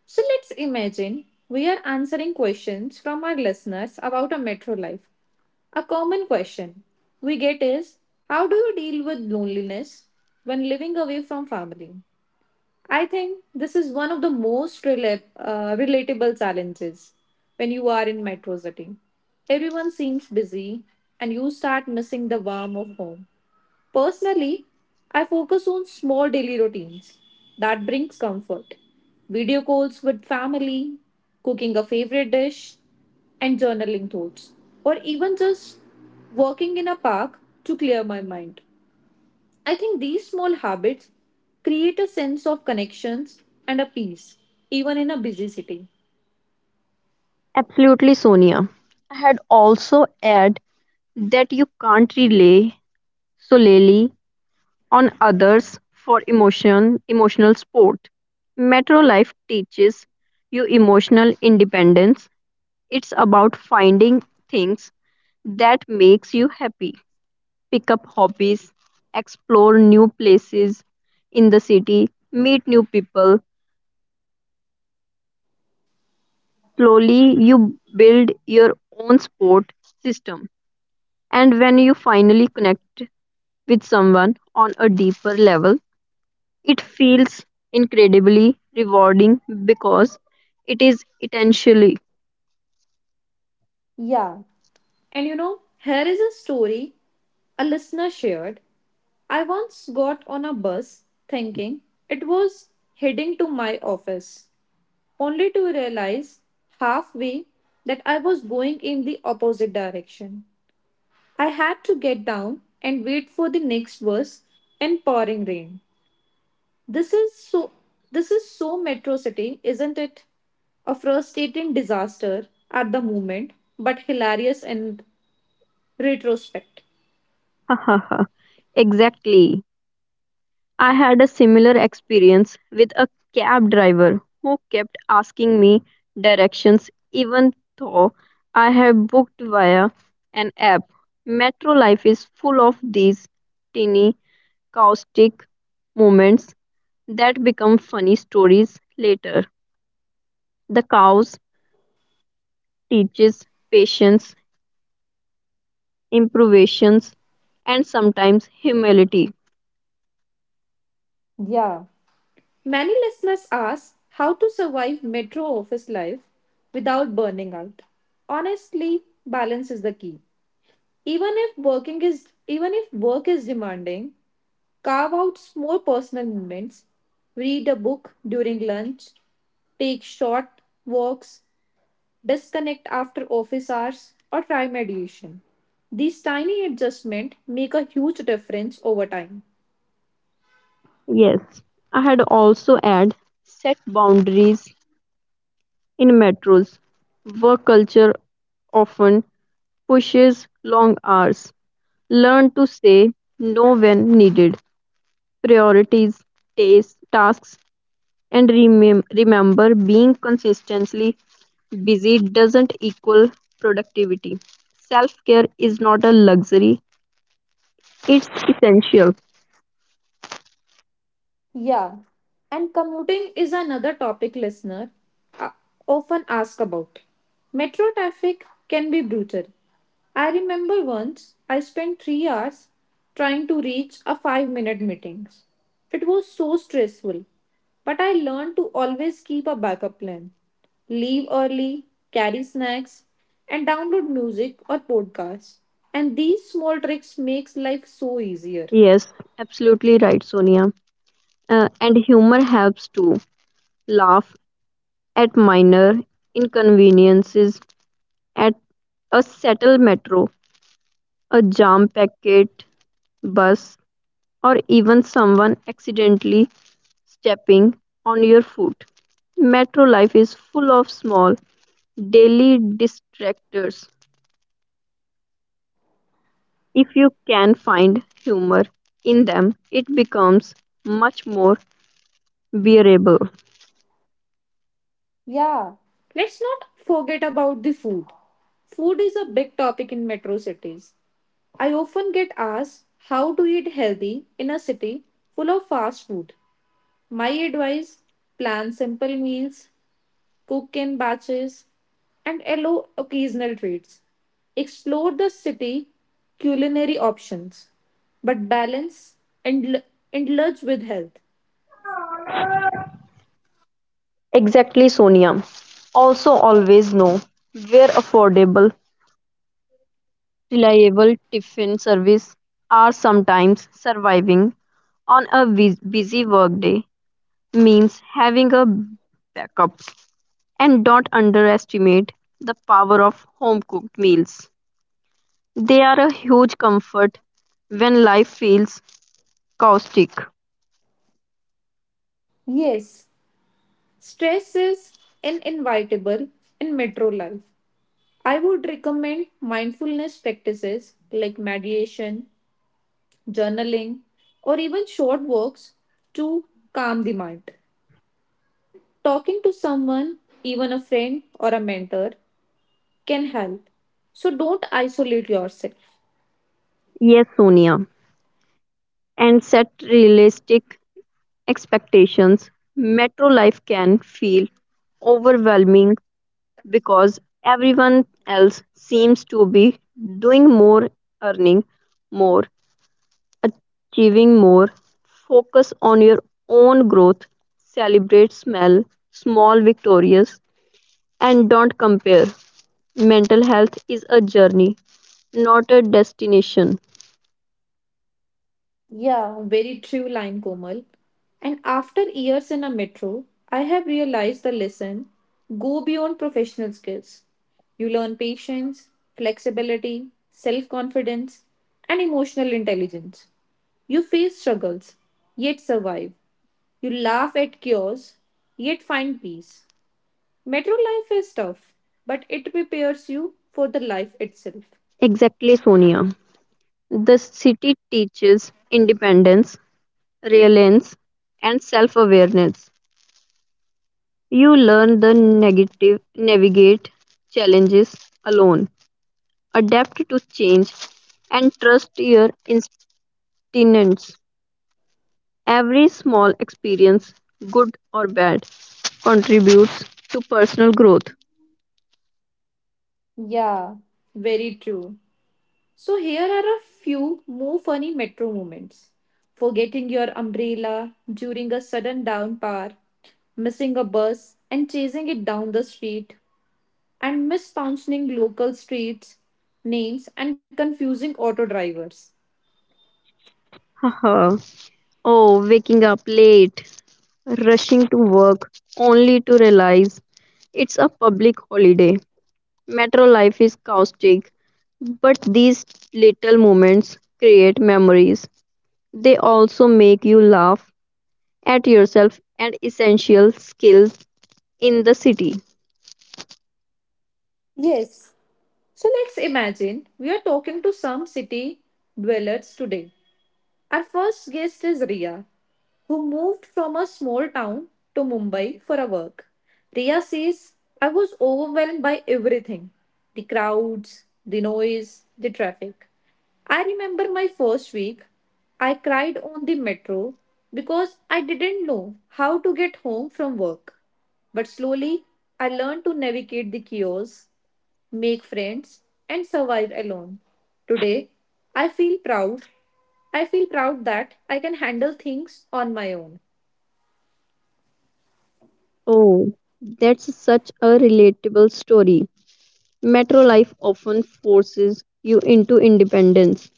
[SPEAKER 2] So let's imagine we are answering questions from our listeners about a metro life. A common question we get is, how do you deal with loneliness when living away from family? I think this is one of the most relatable challenges when you are in metro city. Everyone seems busy and you start missing the warmth of home. Personally, I focus on small daily routines that brings comfort. Video calls with family, cooking a favorite dish, and journaling thoughts, or even just walking in a park to clear my mind. I think these small habits create a sense of connections and a peace, even in a busy city.
[SPEAKER 1] Absolutely, Sonia. I had also add that you can't rely solely on others for emotional support. Metro life teaches you emotional independence. It's about finding things that makes you happy, pick up hobbies, explore new places in the city, meet new people. Slowly, you build your own support system. And when you finally connect with someone on a deeper level, it feels incredibly rewarding because it is intentionally.
[SPEAKER 2] Yeah, and you know, here is a story a listener shared. I once got on a bus thinking it was heading to my office, only to realize halfway that I was going in the opposite direction. I had to get down and wait for the next bus in pouring rain. This is so this is so Metro City, isn't it? A frustrating disaster at the moment, but hilarious in retrospect.
[SPEAKER 1] Exactly. I had a similar experience with a cab driver who kept asking me directions even though I have booked via an app. Metro life is full of these teeny caustic moments that become funny stories later. The cows teaches patience, improvisations, and sometimes humility.
[SPEAKER 2] Yeah. Many listeners ask how to survive metro office life without burning out. Honestly, balance is the key. Even if work is demanding, carve out small personal moments. Read a book during lunch, take short walks, disconnect after office hours, or try mediation. These tiny adjustments make a huge difference over time.
[SPEAKER 1] Yes, I had also had set boundaries. In metros, work culture often pushes long hours. Learn to say no when needed. Priorities, tasks, and remember being consistently busy doesn't equal productivity. Self care is not a luxury, it's essential.
[SPEAKER 2] Yeah, and commuting is another topic listener uh, often ask about. Metro traffic can be brutal. I remember once I spent 3 hours trying to reach a 5-minute meeting. It was so stressful, but I learned to always keep a backup plan. Leave early, carry snacks, and download music or podcasts. And these small tricks makes life so easier.
[SPEAKER 1] Yes, absolutely right, Sonia. And humor helps too. Laugh at minor inconveniences at a settled metro, a jam packed bus, or even someone accidentally stepping on your foot. Metro life is full of small, daily distractors. If you can find humor in them, it becomes much more bearable.
[SPEAKER 2] Yeah. Let's not forget about the food. Food is a big topic in metro cities. I often get asked how to eat healthy in a city full of fast food. My advice, plan simple meals, cook in batches, and allow occasional treats. Explore the city culinary options, but balance and indulge with health.
[SPEAKER 1] Exactly, Sonia. Also, always know where affordable reliable tiffin service are, sometimes surviving on a busy workday means having a backup, and don't underestimate the power of home cooked meals. They are a huge comfort when life feels caustic.
[SPEAKER 2] Yes, stress is inevitable in metro life. I would recommend mindfulness practices like meditation, journaling, or even short walks to calm the mind. Talking to someone, even a friend or a mentor, can help. So don't isolate yourself.
[SPEAKER 1] Yes, Sonia. And set realistic expectations. Metro life can feel overwhelming because everyone else seems to be doing more, earning more, achieving more. Focus on your own growth, celebrate small, small victories, and don't compare. Mental health is a journey, not a destination.
[SPEAKER 2] Yeah, very true line, Komal. And after years in a metro, I have realized the lesson go beyond professional skills. You learn patience, flexibility, self confidence, and emotional intelligence. You face struggles, yet survive. You laugh at chaos, yet find peace. Metro life is tough, but it prepares you for the life itself.
[SPEAKER 1] Exactly, Sonia. The city teaches independence, resilience, and self awareness. You learn the negative, navigate challenges alone, adapt to change, and trust your instincts. Every small experience, good or bad, contributes to personal growth.
[SPEAKER 2] Yeah, very true. So here are a few more funny metro moments. Forgetting your umbrella during a sudden downpour, missing a bus and chasing it down the street, and mispronouncing local streets names and confusing auto drivers.
[SPEAKER 1] Haha. Oh, waking up late, rushing to work only to realize it's a public holiday. Metro life is caustic, but these little moments create memories. They also make you laugh at yourself and essential skills in the city.
[SPEAKER 2] Yes, so let's imagine we are talking to some city dwellers today. Our first guest is Ria, who moved from a small town to Mumbai for her work. Riya says, I was overwhelmed by everything, the crowds, the noise, the traffic. I remember my first week, I cried on the metro because I didn't know how to get home from work. But slowly, I learned to navigate the chaos make friends, and survive alone. Today, I feel proud. I feel proud that I can handle things on my own.
[SPEAKER 1] Oh, that's such a relatable story. Metro life often forces you into independence.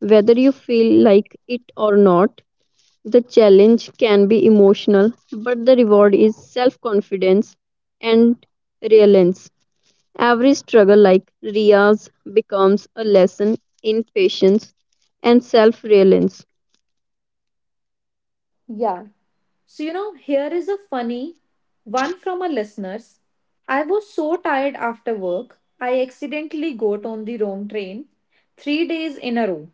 [SPEAKER 1] Whether you feel like it or not, the challenge can be emotional, but the reward is self confidence and resilience. Every struggle, like Ria's, becomes a lesson in patience and self reliance.
[SPEAKER 2] Yeah. So here is a funny one from a listener's. I was so tired after work, I accidentally got on the wrong train 3 days in a row.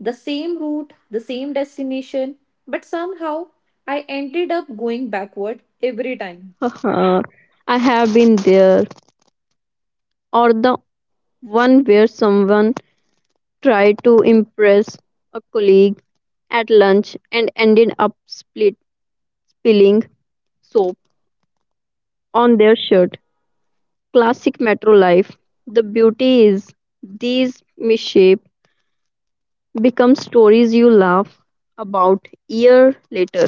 [SPEAKER 2] The same route, the same destination, but somehow I ended up going backward every time.
[SPEAKER 1] Haha, I have been there. Or the one where someone tried to impress a colleague at lunch and ended up spilling soap on their shirt. Classic metro life. The beauty is these mishaps become stories you laugh about year later.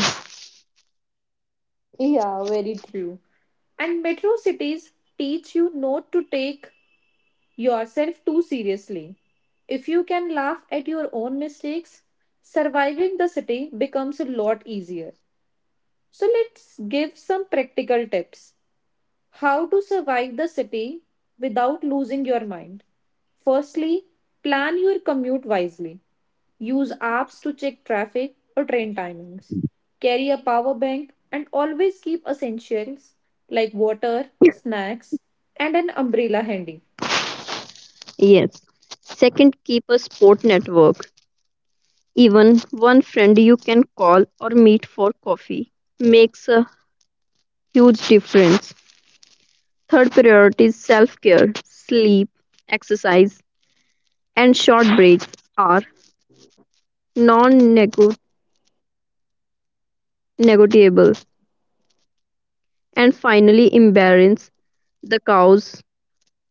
[SPEAKER 2] Yeah, very true. And metro cities teach you not to take yourself too seriously. If you can laugh at your own mistakes, surviving the city becomes a lot easier. So let's give some practical tips. How to survive the city without losing your mind. Firstly, plan your commute wisely. Use apps to check traffic or train timings. Carry a power bank and always keep essentials like water, snacks, and an umbrella handy.
[SPEAKER 1] Yes. Second, keep a sport network. Even one friend you can call or meet for coffee makes a huge difference. Third priority is self care. Sleep, exercise, and short breaks are non negotiable. And finally, embarrass the cows.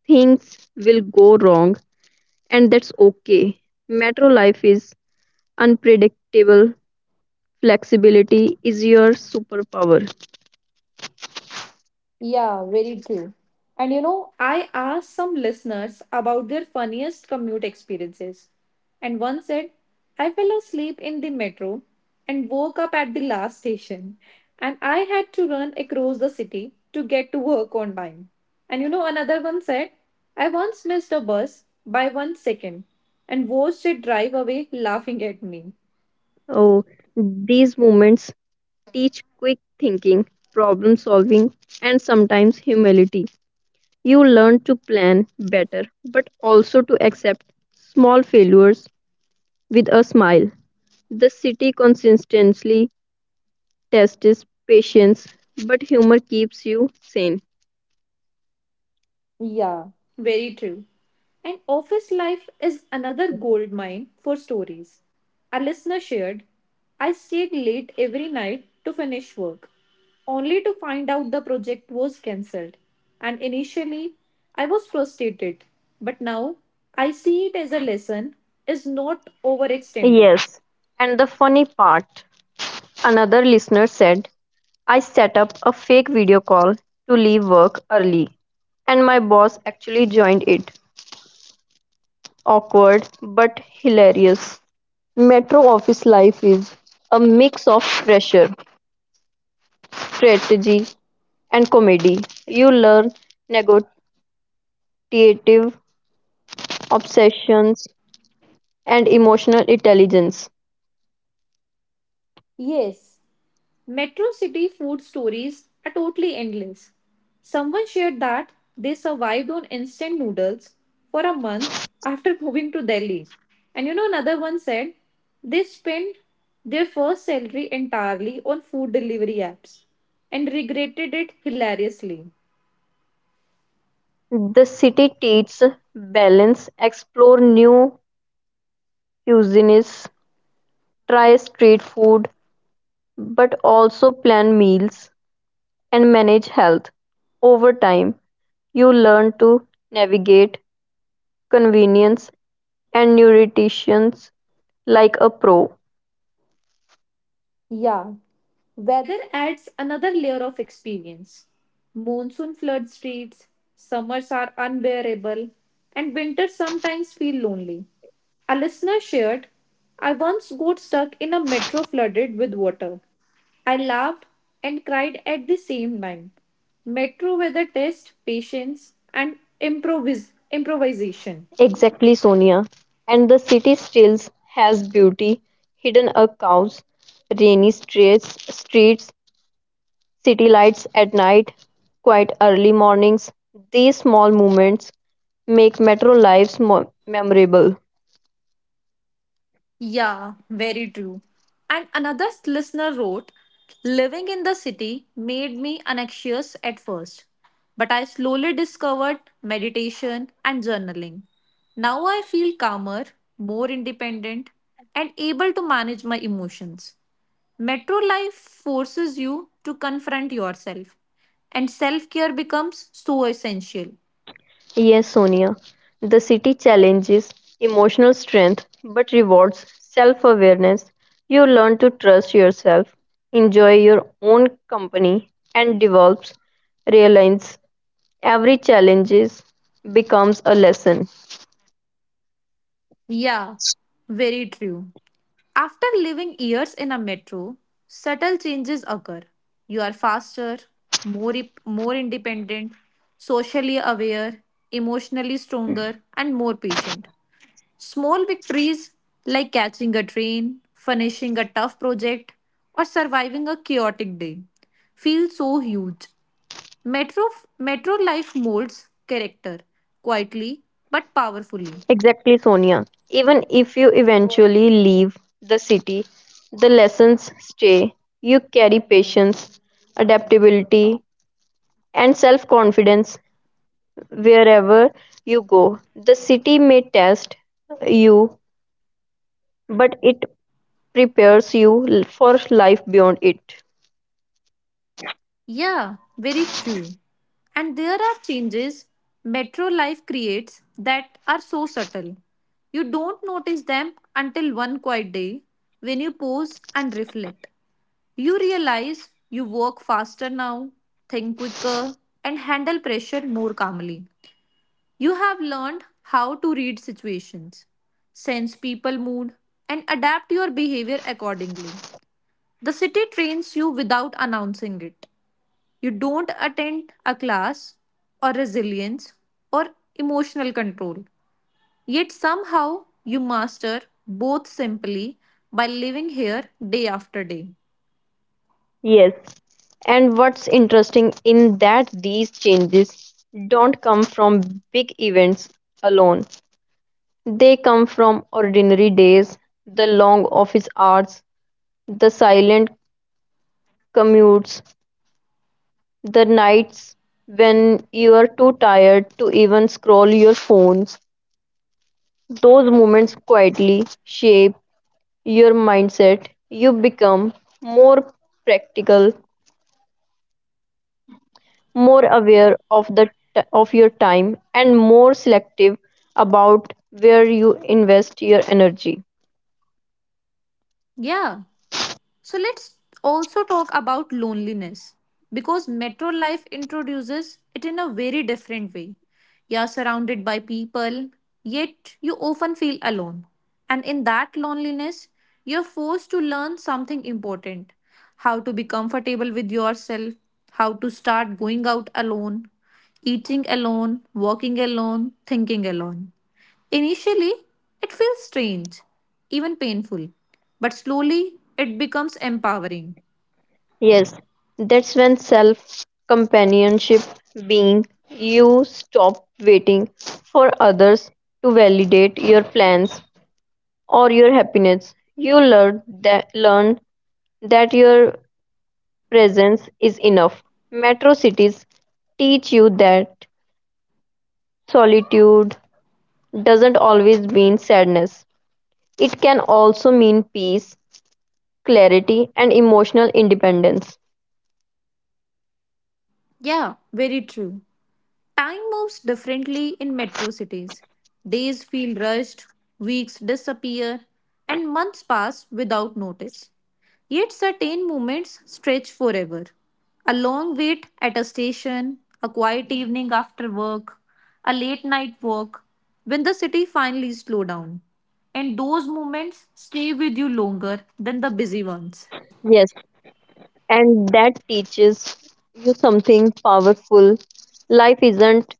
[SPEAKER 1] Things will go wrong, and that's okay. Metro life is unpredictable. Flexibility is your superpower.
[SPEAKER 2] Yeah, very true. And I asked some listeners about their funniest commute experiences. And one said, I fell asleep in the metro and woke up at the last station. And I had to run across the city to get to work on time. And another one said, I once missed a bus by one second and watched it drive away laughing at me.
[SPEAKER 1] Oh, these moments teach quick thinking, problem solving, and sometimes humility. You learn to plan better, but also to accept small failures with a smile. The city consistently tests patience, but humor keeps you sane.
[SPEAKER 2] Yeah. Very true. And office life is another gold mine for stories. A listener shared, I stayed late every night to finish work, only to find out the project was cancelled. And initially, I was frustrated, but now I see it as a lesson is not overextending.
[SPEAKER 1] Yes. And the funny part, another listener said, I set up a fake video call to leave work early, and my boss actually joined it. Awkward but hilarious. Metro office life is a mix of pressure, strategy, and comedy. You learn negotiative obsessions and emotional intelligence.
[SPEAKER 2] Yes. Metro city food stories are totally endless. Someone shared that they survived on instant noodles for a month after moving to Delhi. And another one said they spent their first salary entirely on food delivery apps and regretted it hilariously.
[SPEAKER 1] The city teaches balance, explore new cuisines, try street food, but also plan meals and manage health. Over time, you learn to navigate convenience and neuroticians like a pro.
[SPEAKER 2] Yeah, weather adds another layer of experience. Monsoon floods streets, summers are unbearable, and winters sometimes feel lonely. A listener shared, I once got stuck in a metro flooded with water. I laughed and cried at the same time. Metro weather tests patience and improvisation.
[SPEAKER 1] Exactly, Sonia. And the city still has beauty hidden across rainy streets, city lights at night, quite early mornings. These small moments make metro lives more memorable.
[SPEAKER 2] Yeah, very true. And another listener wrote, living in the city made me anxious at first, but I slowly discovered meditation and journaling. Now I feel calmer, more independent, and able to manage my emotions. Metro life forces you to confront yourself, and self care becomes so essential.
[SPEAKER 1] Yes, Sonia. The city challenges emotional strength but rewards self awareness. You learn to trust yourself, enjoy your own company, and develops realize every challenges becomes a lesson.
[SPEAKER 2] Yeah, very true. After living years in a metro, subtle changes occur. You are faster, more independent, socially aware, emotionally stronger, and more patient. Small victories like catching a train, finishing a tough project, or surviving a chaotic day feel so huge. Metro, metro life molds character quietly but powerfully.
[SPEAKER 1] Exactly, Sonia. Even if you eventually leave the city, the lessons stay. You carry patience, adaptability, and self confidence wherever you go. The city may test you, but it prepares you for life beyond it.
[SPEAKER 2] Yeah, very true. And there are changes metro life creates that are so subtle. You don't notice them until one quiet day when you pause and reflect. You realize you work faster now, think quicker, and handle pressure more calmly. You have learned how to read situations, sense people mood, and adapt your behavior accordingly. The city trains you without announcing it. You don't attend a class or resilience or emotional control. Yet somehow you master both simply by living here day after day.
[SPEAKER 1] Yes. And what's interesting in that these changes don't come from big events alone. They come from ordinary days, the long office hours, the silent commutes, the nights when you are too tired to even scroll your phones. Those moments quietly shape your mindset. You become more practical, more aware of the of your time, and more selective about where you invest your energy.
[SPEAKER 2] Yeah. So let's also talk about loneliness because metro life introduces it in a very different way. You are surrounded by people, yet you often feel alone. And in that loneliness, you're forced to learn something important how to be comfortable with yourself, how to start going out alone, eating alone, walking alone, thinking alone. Initially, it feels strange, even painful, but slowly it becomes empowering.
[SPEAKER 1] Yes, that's when self companionship being, you stop waiting for others to validate your plans or your happiness. You learn that your presence is enough. Metro cities teach you that solitude doesn't always mean sadness. It can also mean peace, clarity, and emotional independence.
[SPEAKER 2] Yeah, very true. Time moves differently in metro cities. Days feel rushed, weeks disappear, and months pass without notice. Yet certain moments stretch forever. A long wait at a station, a quiet evening after work, a late night walk, when the city finally slows down. And those moments stay with you longer than the busy ones.
[SPEAKER 1] Yes, and that teaches you something powerful. Life isn't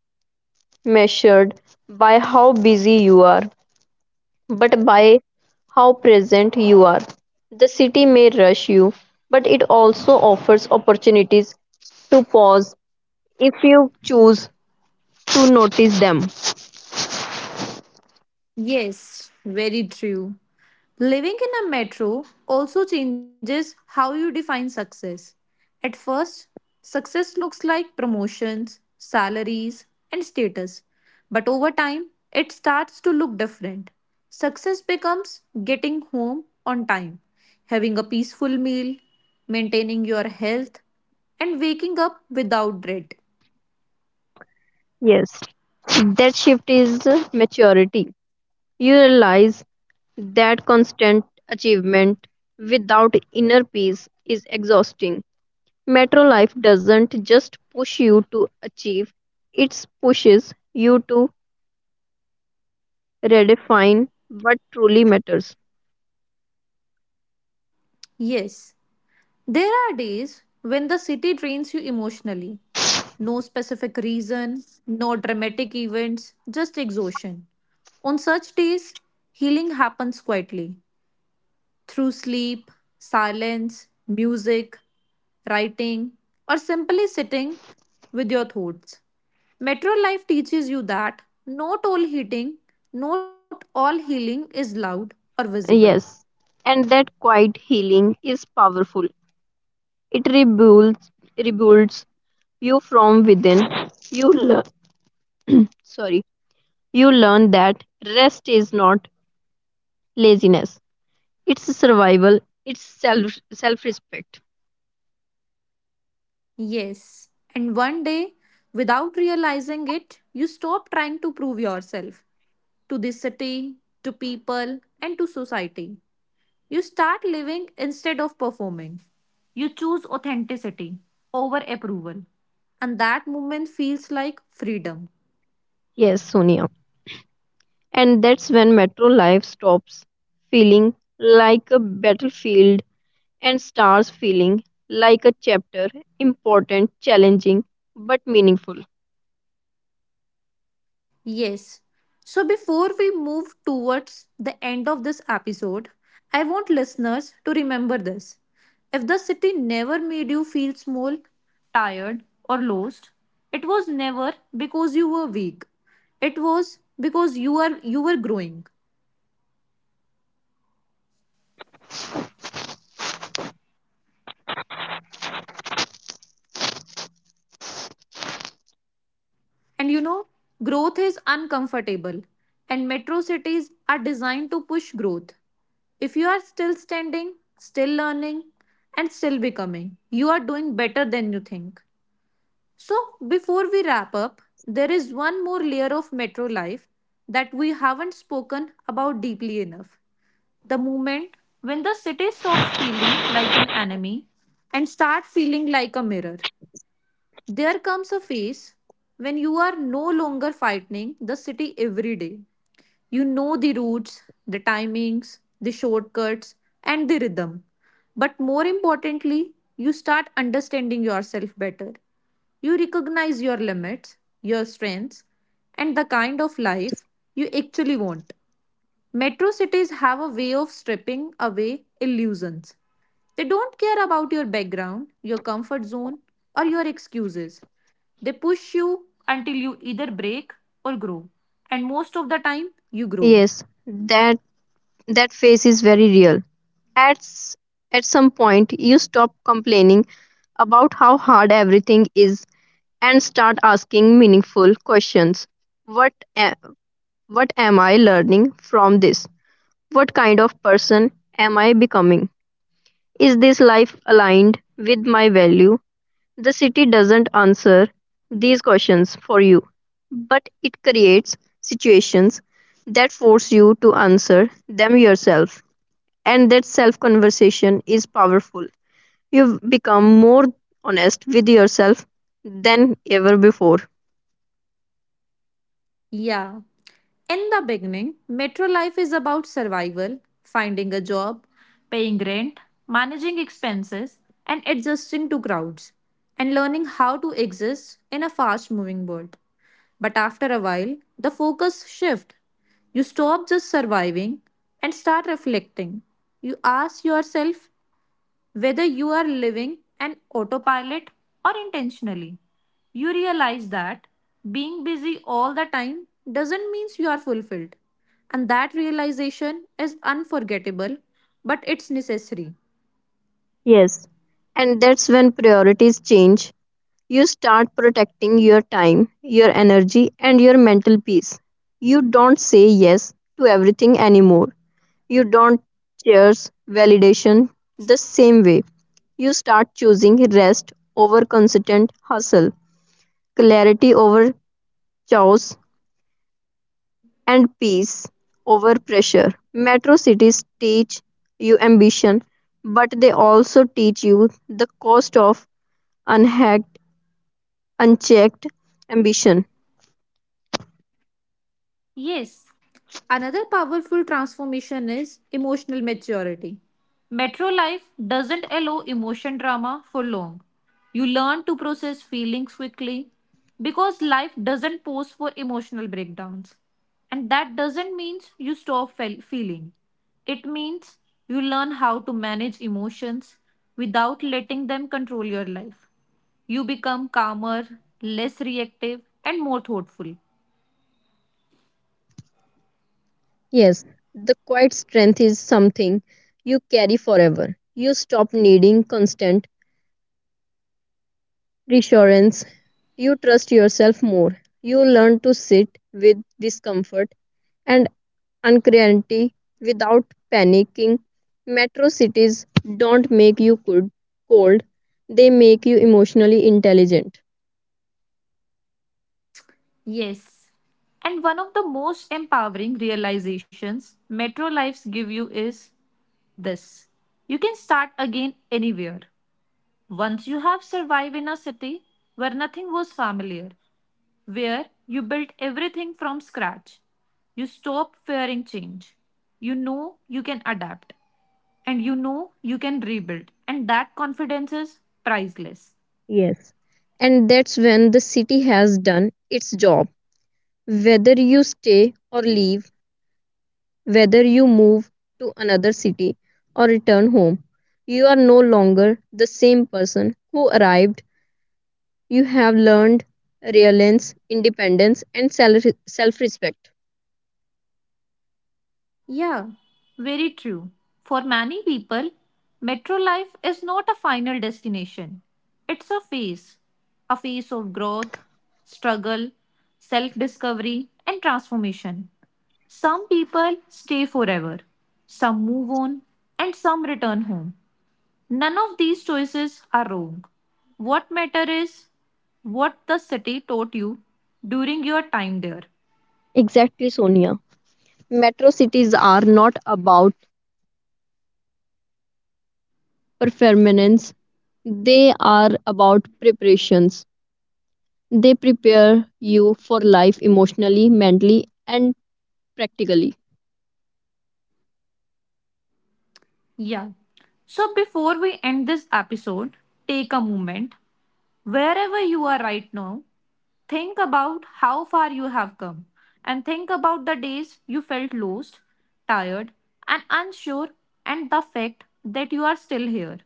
[SPEAKER 1] measured by how busy you are, but by how present you are. The city may rush you, but it also offers opportunities to pause if you choose to notice them.
[SPEAKER 2] Yes, very true. Living in a metro also changes how you define success. At first, success looks like promotions, salaries, and status. But over time, it starts to look different. Success becomes getting home on time, having a peaceful meal, maintaining your health, and waking up without dread.
[SPEAKER 1] Yes, that shift is maturity. You realize that constant achievement without inner peace is exhausting. Metro life doesn't just push you to achieve, it pushes you to redefine what truly matters.
[SPEAKER 2] Yes. There are days when the city drains you emotionally. No specific reason, no dramatic events, just exhaustion. On such days, healing happens quietly through sleep, silence, music, writing, or simply sitting with your thoughts. Metro life teaches you that not all healing is loud or visible.
[SPEAKER 1] Yes, and that quiet healing is powerful. It rebuilds you from within. You learn sorry, you learn that rest is not laziness. It's survival, it's self respect.
[SPEAKER 2] Yes. And one day, without realizing it, you stop trying to prove yourself to the city, to people, and to society. You start living instead of performing. You choose authenticity over approval. And that moment feels like freedom.
[SPEAKER 1] Yes, Sonia. And that's when metro life stops feeling like a battlefield and starts feeling like a chapter, important, challenging, but meaningful.
[SPEAKER 2] Yes. So before we move towards the end of this episode, I want listeners to remember this. If the city never made you feel small, tired, or lost, it was never because you were weak. It was because you were growing. And growth is uncomfortable and metro cities are designed to push growth. If you are still standing, still learning, and still becoming, you are doing better than you think. So, before we wrap up, there is one more layer of metro life that we haven't spoken about deeply enough. The moment when the city stops feeling like an enemy and start feeling like a mirror. There comes a phase when you are no longer fighting the city every day. You know the routes, the timings, the shortcuts, and the rhythm. But more importantly, you start understanding yourself better. You recognize your limits, your strengths, and the kind of life you actually want. Metro cities have a way of stripping away illusions. They don't care about your background, your comfort zone, or your excuses. They push you until you either break or grow. And most of the time, you grow.
[SPEAKER 1] Yes, that phase is very real. At, s- at some point, you stop complaining about how hard everything is and start asking meaningful questions. What, a- what am I learning from this? What kind of person am I becoming? Is this life aligned with my value? The city doesn't answer these questions for you, but it creates situations that force you to answer them yourself, and that self conversation is powerful. You've become more honest with yourself than ever before.
[SPEAKER 2] Yeah. In the beginning, metro life is about survival, finding a job, paying rent, managing expenses, and adjusting to crowds, and learning how to exist in a fast moving world. But after a while, the focus shifts. You stop just surviving and start reflecting. You ask yourself, whether you are living an autopilot or intentionally, you realize that being busy all the time doesn't mean you are fulfilled. And that realization is unforgettable, but it's necessary.
[SPEAKER 1] Yes. And that's when priorities change. You start protecting your time, your energy, and your mental peace. You don't say yes to everything anymore. You don't chase validation the same way. You start choosing rest over constant hustle, clarity over chaos, and peace over pressure. Metro cities teach you ambition, but they also teach you the cost of unhacked, unchecked ambition.
[SPEAKER 2] Yes. Another powerful transformation is emotional maturity. Metro life doesn't allow emotion drama for long. You learn to process feelings quickly because life doesn't pause for emotional breakdowns. And that doesn't mean you stop feeling. It means you learn how to manage emotions without letting them control your life. You become calmer, less reactive, and more thoughtful.
[SPEAKER 1] Yes, the quiet strength is something you carry forever. You stop needing constant reassurance, you trust yourself more. You learn to sit with discomfort and uncertainty without panicking. Metro cities don't make you cold, they make you emotionally intelligent.
[SPEAKER 2] Yes. And one of the most empowering realizations Metro Lives give you is this. You can start again anywhere. Once you have survived in a city where nothing was familiar, where you built everything from scratch, you stop fearing change. You know you can adapt and you know you can rebuild, and that confidence is priceless.
[SPEAKER 1] Yes. And that's when the city has done its job. Whether you stay or leave, whether you move to another city or return home, you are no longer the same person who arrived. You have learned resilience, independence, and self respect.
[SPEAKER 2] Yeah, very true. For many people, metro life is not a final destination. It's a phase of growth, struggle, self discovery, and transformation. Some people stay forever, some move on, and some return home. None of these choices are wrong. What matters is what the city taught you during your time there.
[SPEAKER 1] Exactly, Sonia. Metro cities are not about performance, they are about preparations. They prepare you for life emotionally, mentally, and practically.
[SPEAKER 2] Yeah. So before we end this episode, take a moment. Wherever you are right now, think about how far you have come and think about the days you felt lost, tired, and unsure, and the fact that you are still here,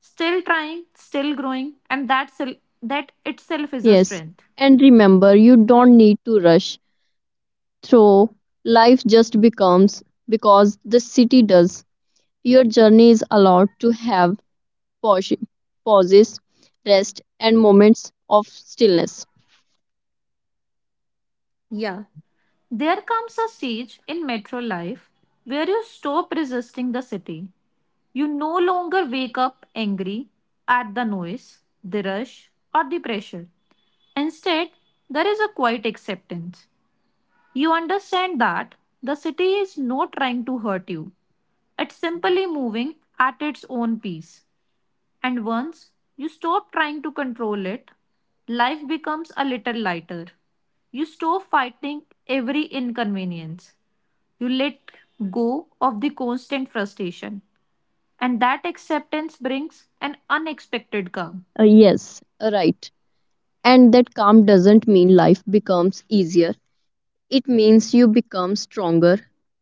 [SPEAKER 2] still trying, still growing, and that itself is a
[SPEAKER 1] Yes,
[SPEAKER 2] strength.
[SPEAKER 1] and remember, you don't need to rush through life just becomes because the city does. Your journey is allowed to have pausi- pauses, rest, and moments of stillness.
[SPEAKER 2] Yeah. There comes a stage in metro life where you stop resisting the city. You no longer wake up angry at the noise, the rush, or the pressure. Instead, there is a quiet acceptance. You understand that the city is not trying to hurt you, it's simply moving at its own pace. And once you stop trying to control it, life becomes a little lighter. You stop fighting every inconvenience. You let go of the constant frustration. And that acceptance brings an unexpected calm.
[SPEAKER 1] Yes, right. And that calm doesn't mean life becomes easier. It means you become stronger.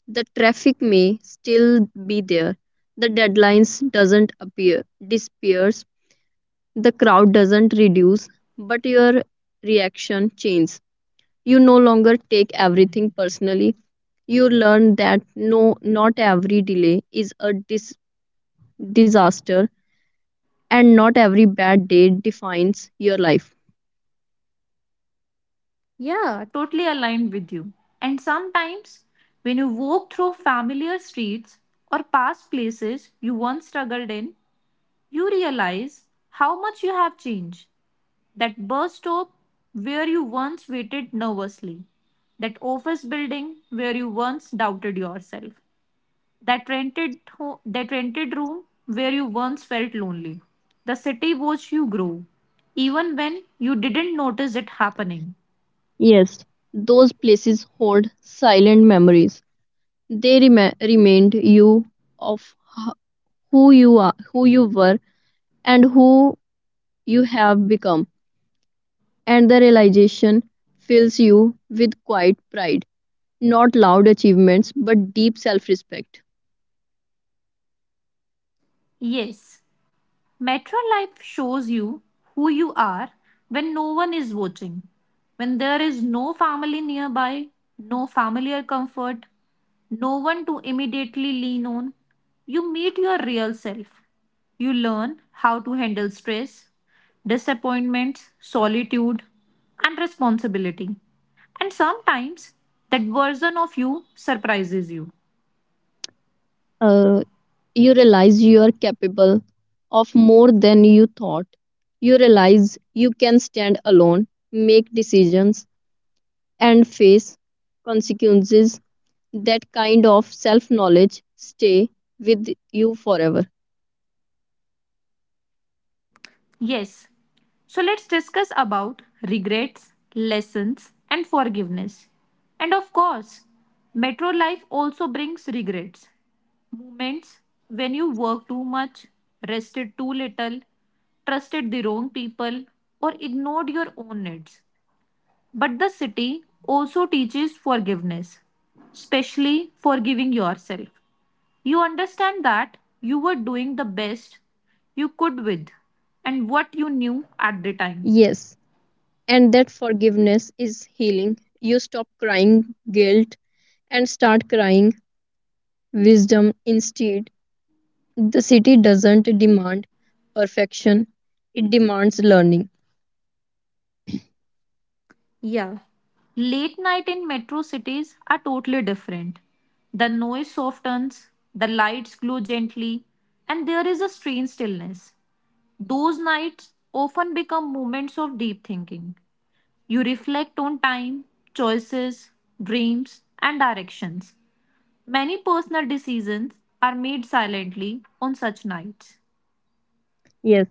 [SPEAKER 1] The traffic may still be there. The deadlines doesn't appear disappears. The crowd doesn't reduce, but your reaction changes. You no longer take everything personally. You learn that not every delay is a disaster and not every bad day defines your life.
[SPEAKER 2] Yeah, totally aligned with you. And sometimes, when you walk through familiar streets or past places you once struggled in, you realize how much you have changed. That bus stop where you once waited nervously, that office building where you once doubted yourself, that rented room where you once felt lonely. The city watched you grow, even when you didn't notice it happening.
[SPEAKER 1] Yes, those places hold silent memories. They remind you of h- who you are, who you were, and who you have become. And the realization fills you with quiet pride, not loud achievements, but deep self-respect.
[SPEAKER 2] Yes. Metro life shows you who you are when no one is watching, when there is no family nearby, no familiar comfort, no one to immediately lean on. You meet your real self. You learn how to handle stress, disappointments, solitude, and responsibility. And sometimes that version of you surprises you.
[SPEAKER 1] Uh, you realize you are capable of more than you thought. You realize you can stand alone, make decisions and face consequences, that kind of self knowledge stay with you forever.
[SPEAKER 2] Yes. So let's discuss about regrets, lessons, and forgiveness. And of course, metro life also brings regrets. Moments when you work too much, rested too little, trusted the wrong people, or ignored your own needs. But the city also teaches forgiveness, especially forgiving yourself. You understand that you were doing the best you could with and what you knew at the time.
[SPEAKER 1] Yes, and that forgiveness is healing. You stop crying guilt and start crying wisdom instead. The city doesn't demand perfection, it demands learning.
[SPEAKER 2] Yeah. Late night in metro cities are totally different. The noise softens, the lights glow gently, and there is a strange stillness. Those nights often become moments of deep thinking. You reflect on time, choices, dreams, and directions. Many personal decisions are made silently on such nights.
[SPEAKER 1] Yes,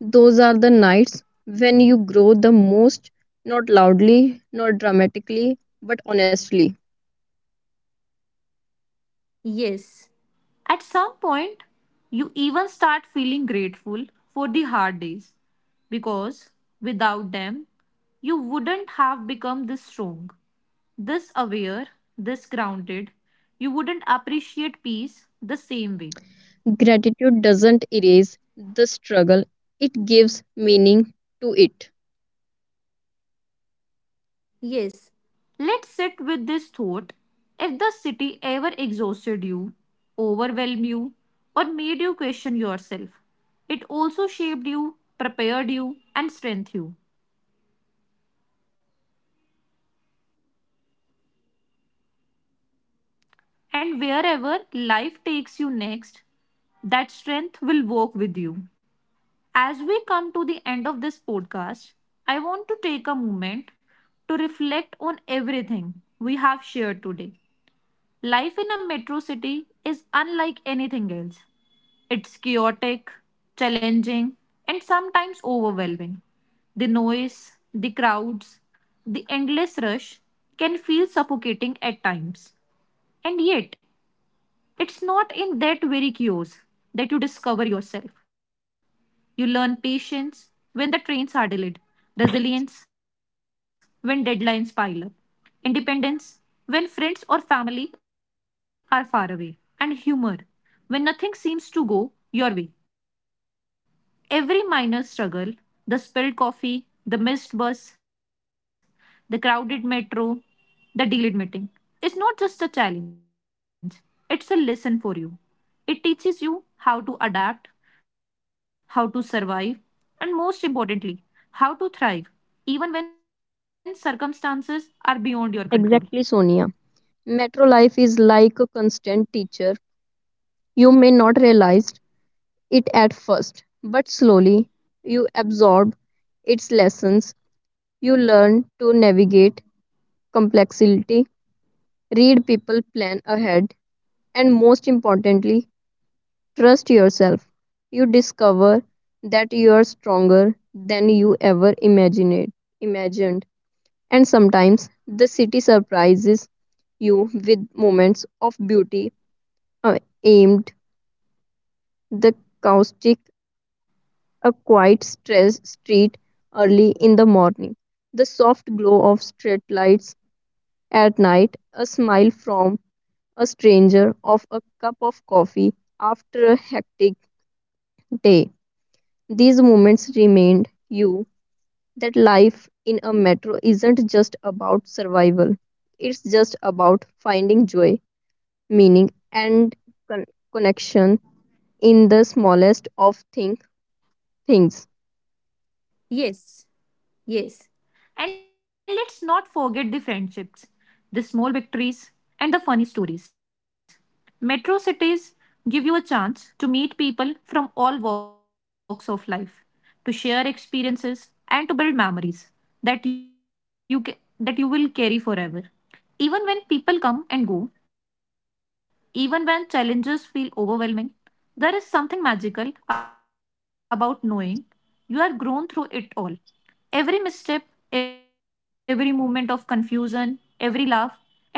[SPEAKER 1] those are the nights when you grow the most, not loudly, not dramatically, but honestly.
[SPEAKER 2] Yes. At some point, you even start feeling grateful for the hard days because without them, you wouldn't have become this strong, this aware, this grounded. You wouldn't appreciate peace the same way.
[SPEAKER 1] Gratitude doesn't erase the struggle, it gives meaning to it.
[SPEAKER 2] Yes. Let's sit with this thought. If the city ever exhausted you, overwhelmed you, or made you question yourself, it also shaped you, prepared you, and strengthened you. And wherever life takes you next, that strength will walk with you. As we come to the end of this podcast, I want to take a moment to reflect on everything we have shared today. Life in a metro city is unlike anything else. It's chaotic, challenging, and sometimes overwhelming. The noise, the crowds, the endless rush can feel suffocating at times. And yet, it's not in that very chaos that you discover yourself. You learn patience when the trains are delayed, resilience when deadlines pile up, independence when friends or family are far away, and humor when nothing seems to go your way. Every minor struggle, the spilled coffee, the missed bus, the crowded metro, the delayed meeting, is not just a challenge, it's a lesson for you. It teaches you how to adapt, how to survive, and most importantly, how to thrive, even when circumstances are beyond your
[SPEAKER 1] Exactly,
[SPEAKER 2] control.
[SPEAKER 1] Sonia. Metro life is like a constant teacher. You may not realize it at first, but slowly you absorb its lessons. You learn to navigate complexity, read people, plan ahead, and most importantly, trust yourself. You discover that you are stronger than you ever imagined. And sometimes the city surprises you with moments of beauty, aimed the caustic, a quiet stress street early in the morning, the soft glow of street lights at night, a smile from a stranger, of a cup of coffee after a hectic day. These moments remind you that life in a metro isn't just about survival, it's just about finding joy, meaning, and con- connection in the smallest of think things.
[SPEAKER 2] Yes, yes. And let's not forget the friendships, the small victories, and the funny stories. Metro cities give you a chance to meet people from all walks of life, to share experiences, and to build memories that you will carry forever. Even when people come and go, even when challenges feel overwhelming, there is something magical about knowing you are grown through it all. Every misstep, every moment of confusion, every laugh,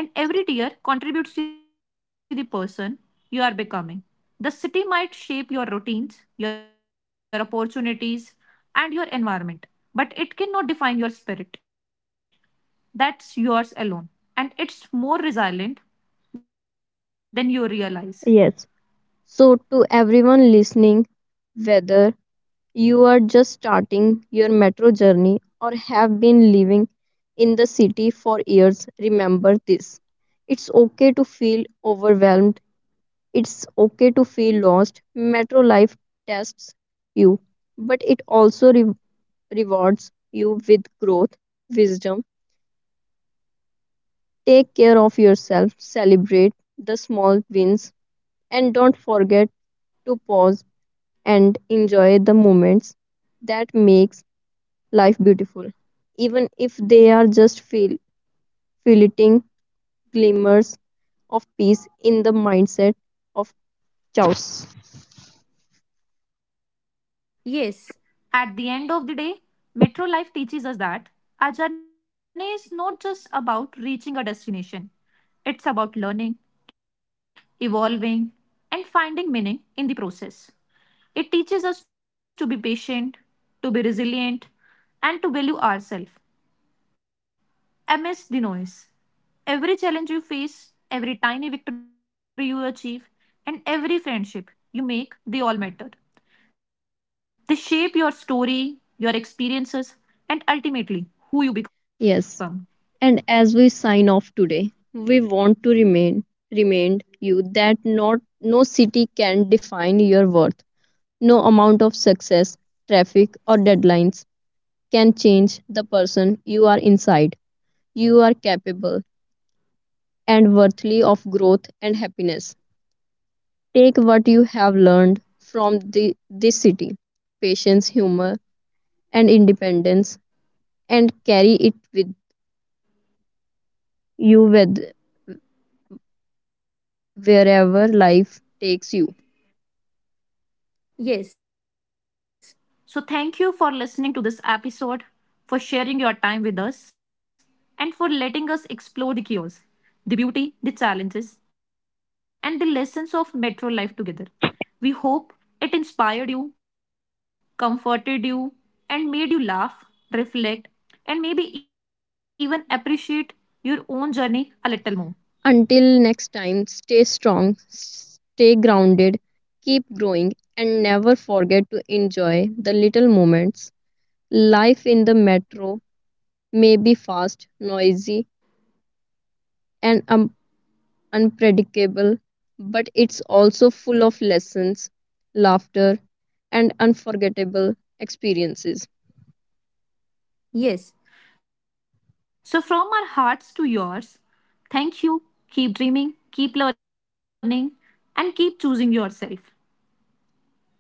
[SPEAKER 2] and every tear contributes to the person you are becoming. The city might shape your routines, your opportunities, and your environment, but it cannot define your spirit. That's yours alone, and it's more resilient than you realize.
[SPEAKER 1] Yes. So to everyone listening, whether you are just starting your metro journey or have been living in the city for years, remember this, it's okay to feel overwhelmed, it's okay to feel lost. Metro life tests you, but it also rewards you with growth, wisdom. Take care of yourself, celebrate the small wins, and don't forget to pause and enjoy the moments that makes life beautiful, even if they are just fleeting glimmers of peace in the mindset of chaos.
[SPEAKER 2] Yes, at the end of the day, metro life teaches us that our journey is not just about reaching a destination, it's about learning, evolving, and finding meaning in the process. It teaches us to be patient, to be resilient, and to value ourselves amidst the noise. Every challenge you face, every tiny victory you achieve, and every friendship you make, they all matter. They shape your story, your experiences, and ultimately who you
[SPEAKER 1] Yes,
[SPEAKER 2] become.
[SPEAKER 1] and as we sign off today, we want to remain remind you that not no city can define your worth. No amount of success, traffic, or deadlines can change the person you are inside. You are capable and worthy of growth and happiness. Take what you have learned from this city, patience, humor, and independence, and carry it with you with wherever life takes you.
[SPEAKER 2] Yes. So, thank you for listening to this episode, for sharing your time with us, and for letting us explore the chaos, the beauty, the challenges, and the lessons of metro life together. We hope it inspired you, comforted you, and made you laugh, reflect, and maybe even appreciate your own journey a little more.
[SPEAKER 1] Until next time, stay strong, stay grounded, keep growing, and never forget to enjoy the little moments. Life in the metro may be fast, noisy, and unpredictable, but it's also full of lessons, laughter, and unforgettable experiences.
[SPEAKER 2] Yes. So, from our hearts to yours, thank you. Keep dreaming, keep learning, and keep choosing yourself.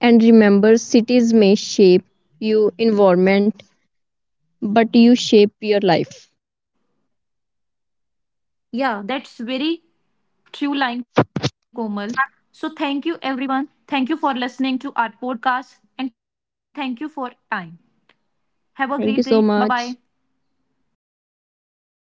[SPEAKER 1] And remember, cities may shape your environment, but you shape your life.
[SPEAKER 2] Yeah, that's very true line, Komal. So, thank you, everyone. Thank you for listening to our podcast, and thank you for time. Have a
[SPEAKER 1] Thank you
[SPEAKER 2] great
[SPEAKER 1] so
[SPEAKER 2] day. Bye
[SPEAKER 1] much.
[SPEAKER 2] bye.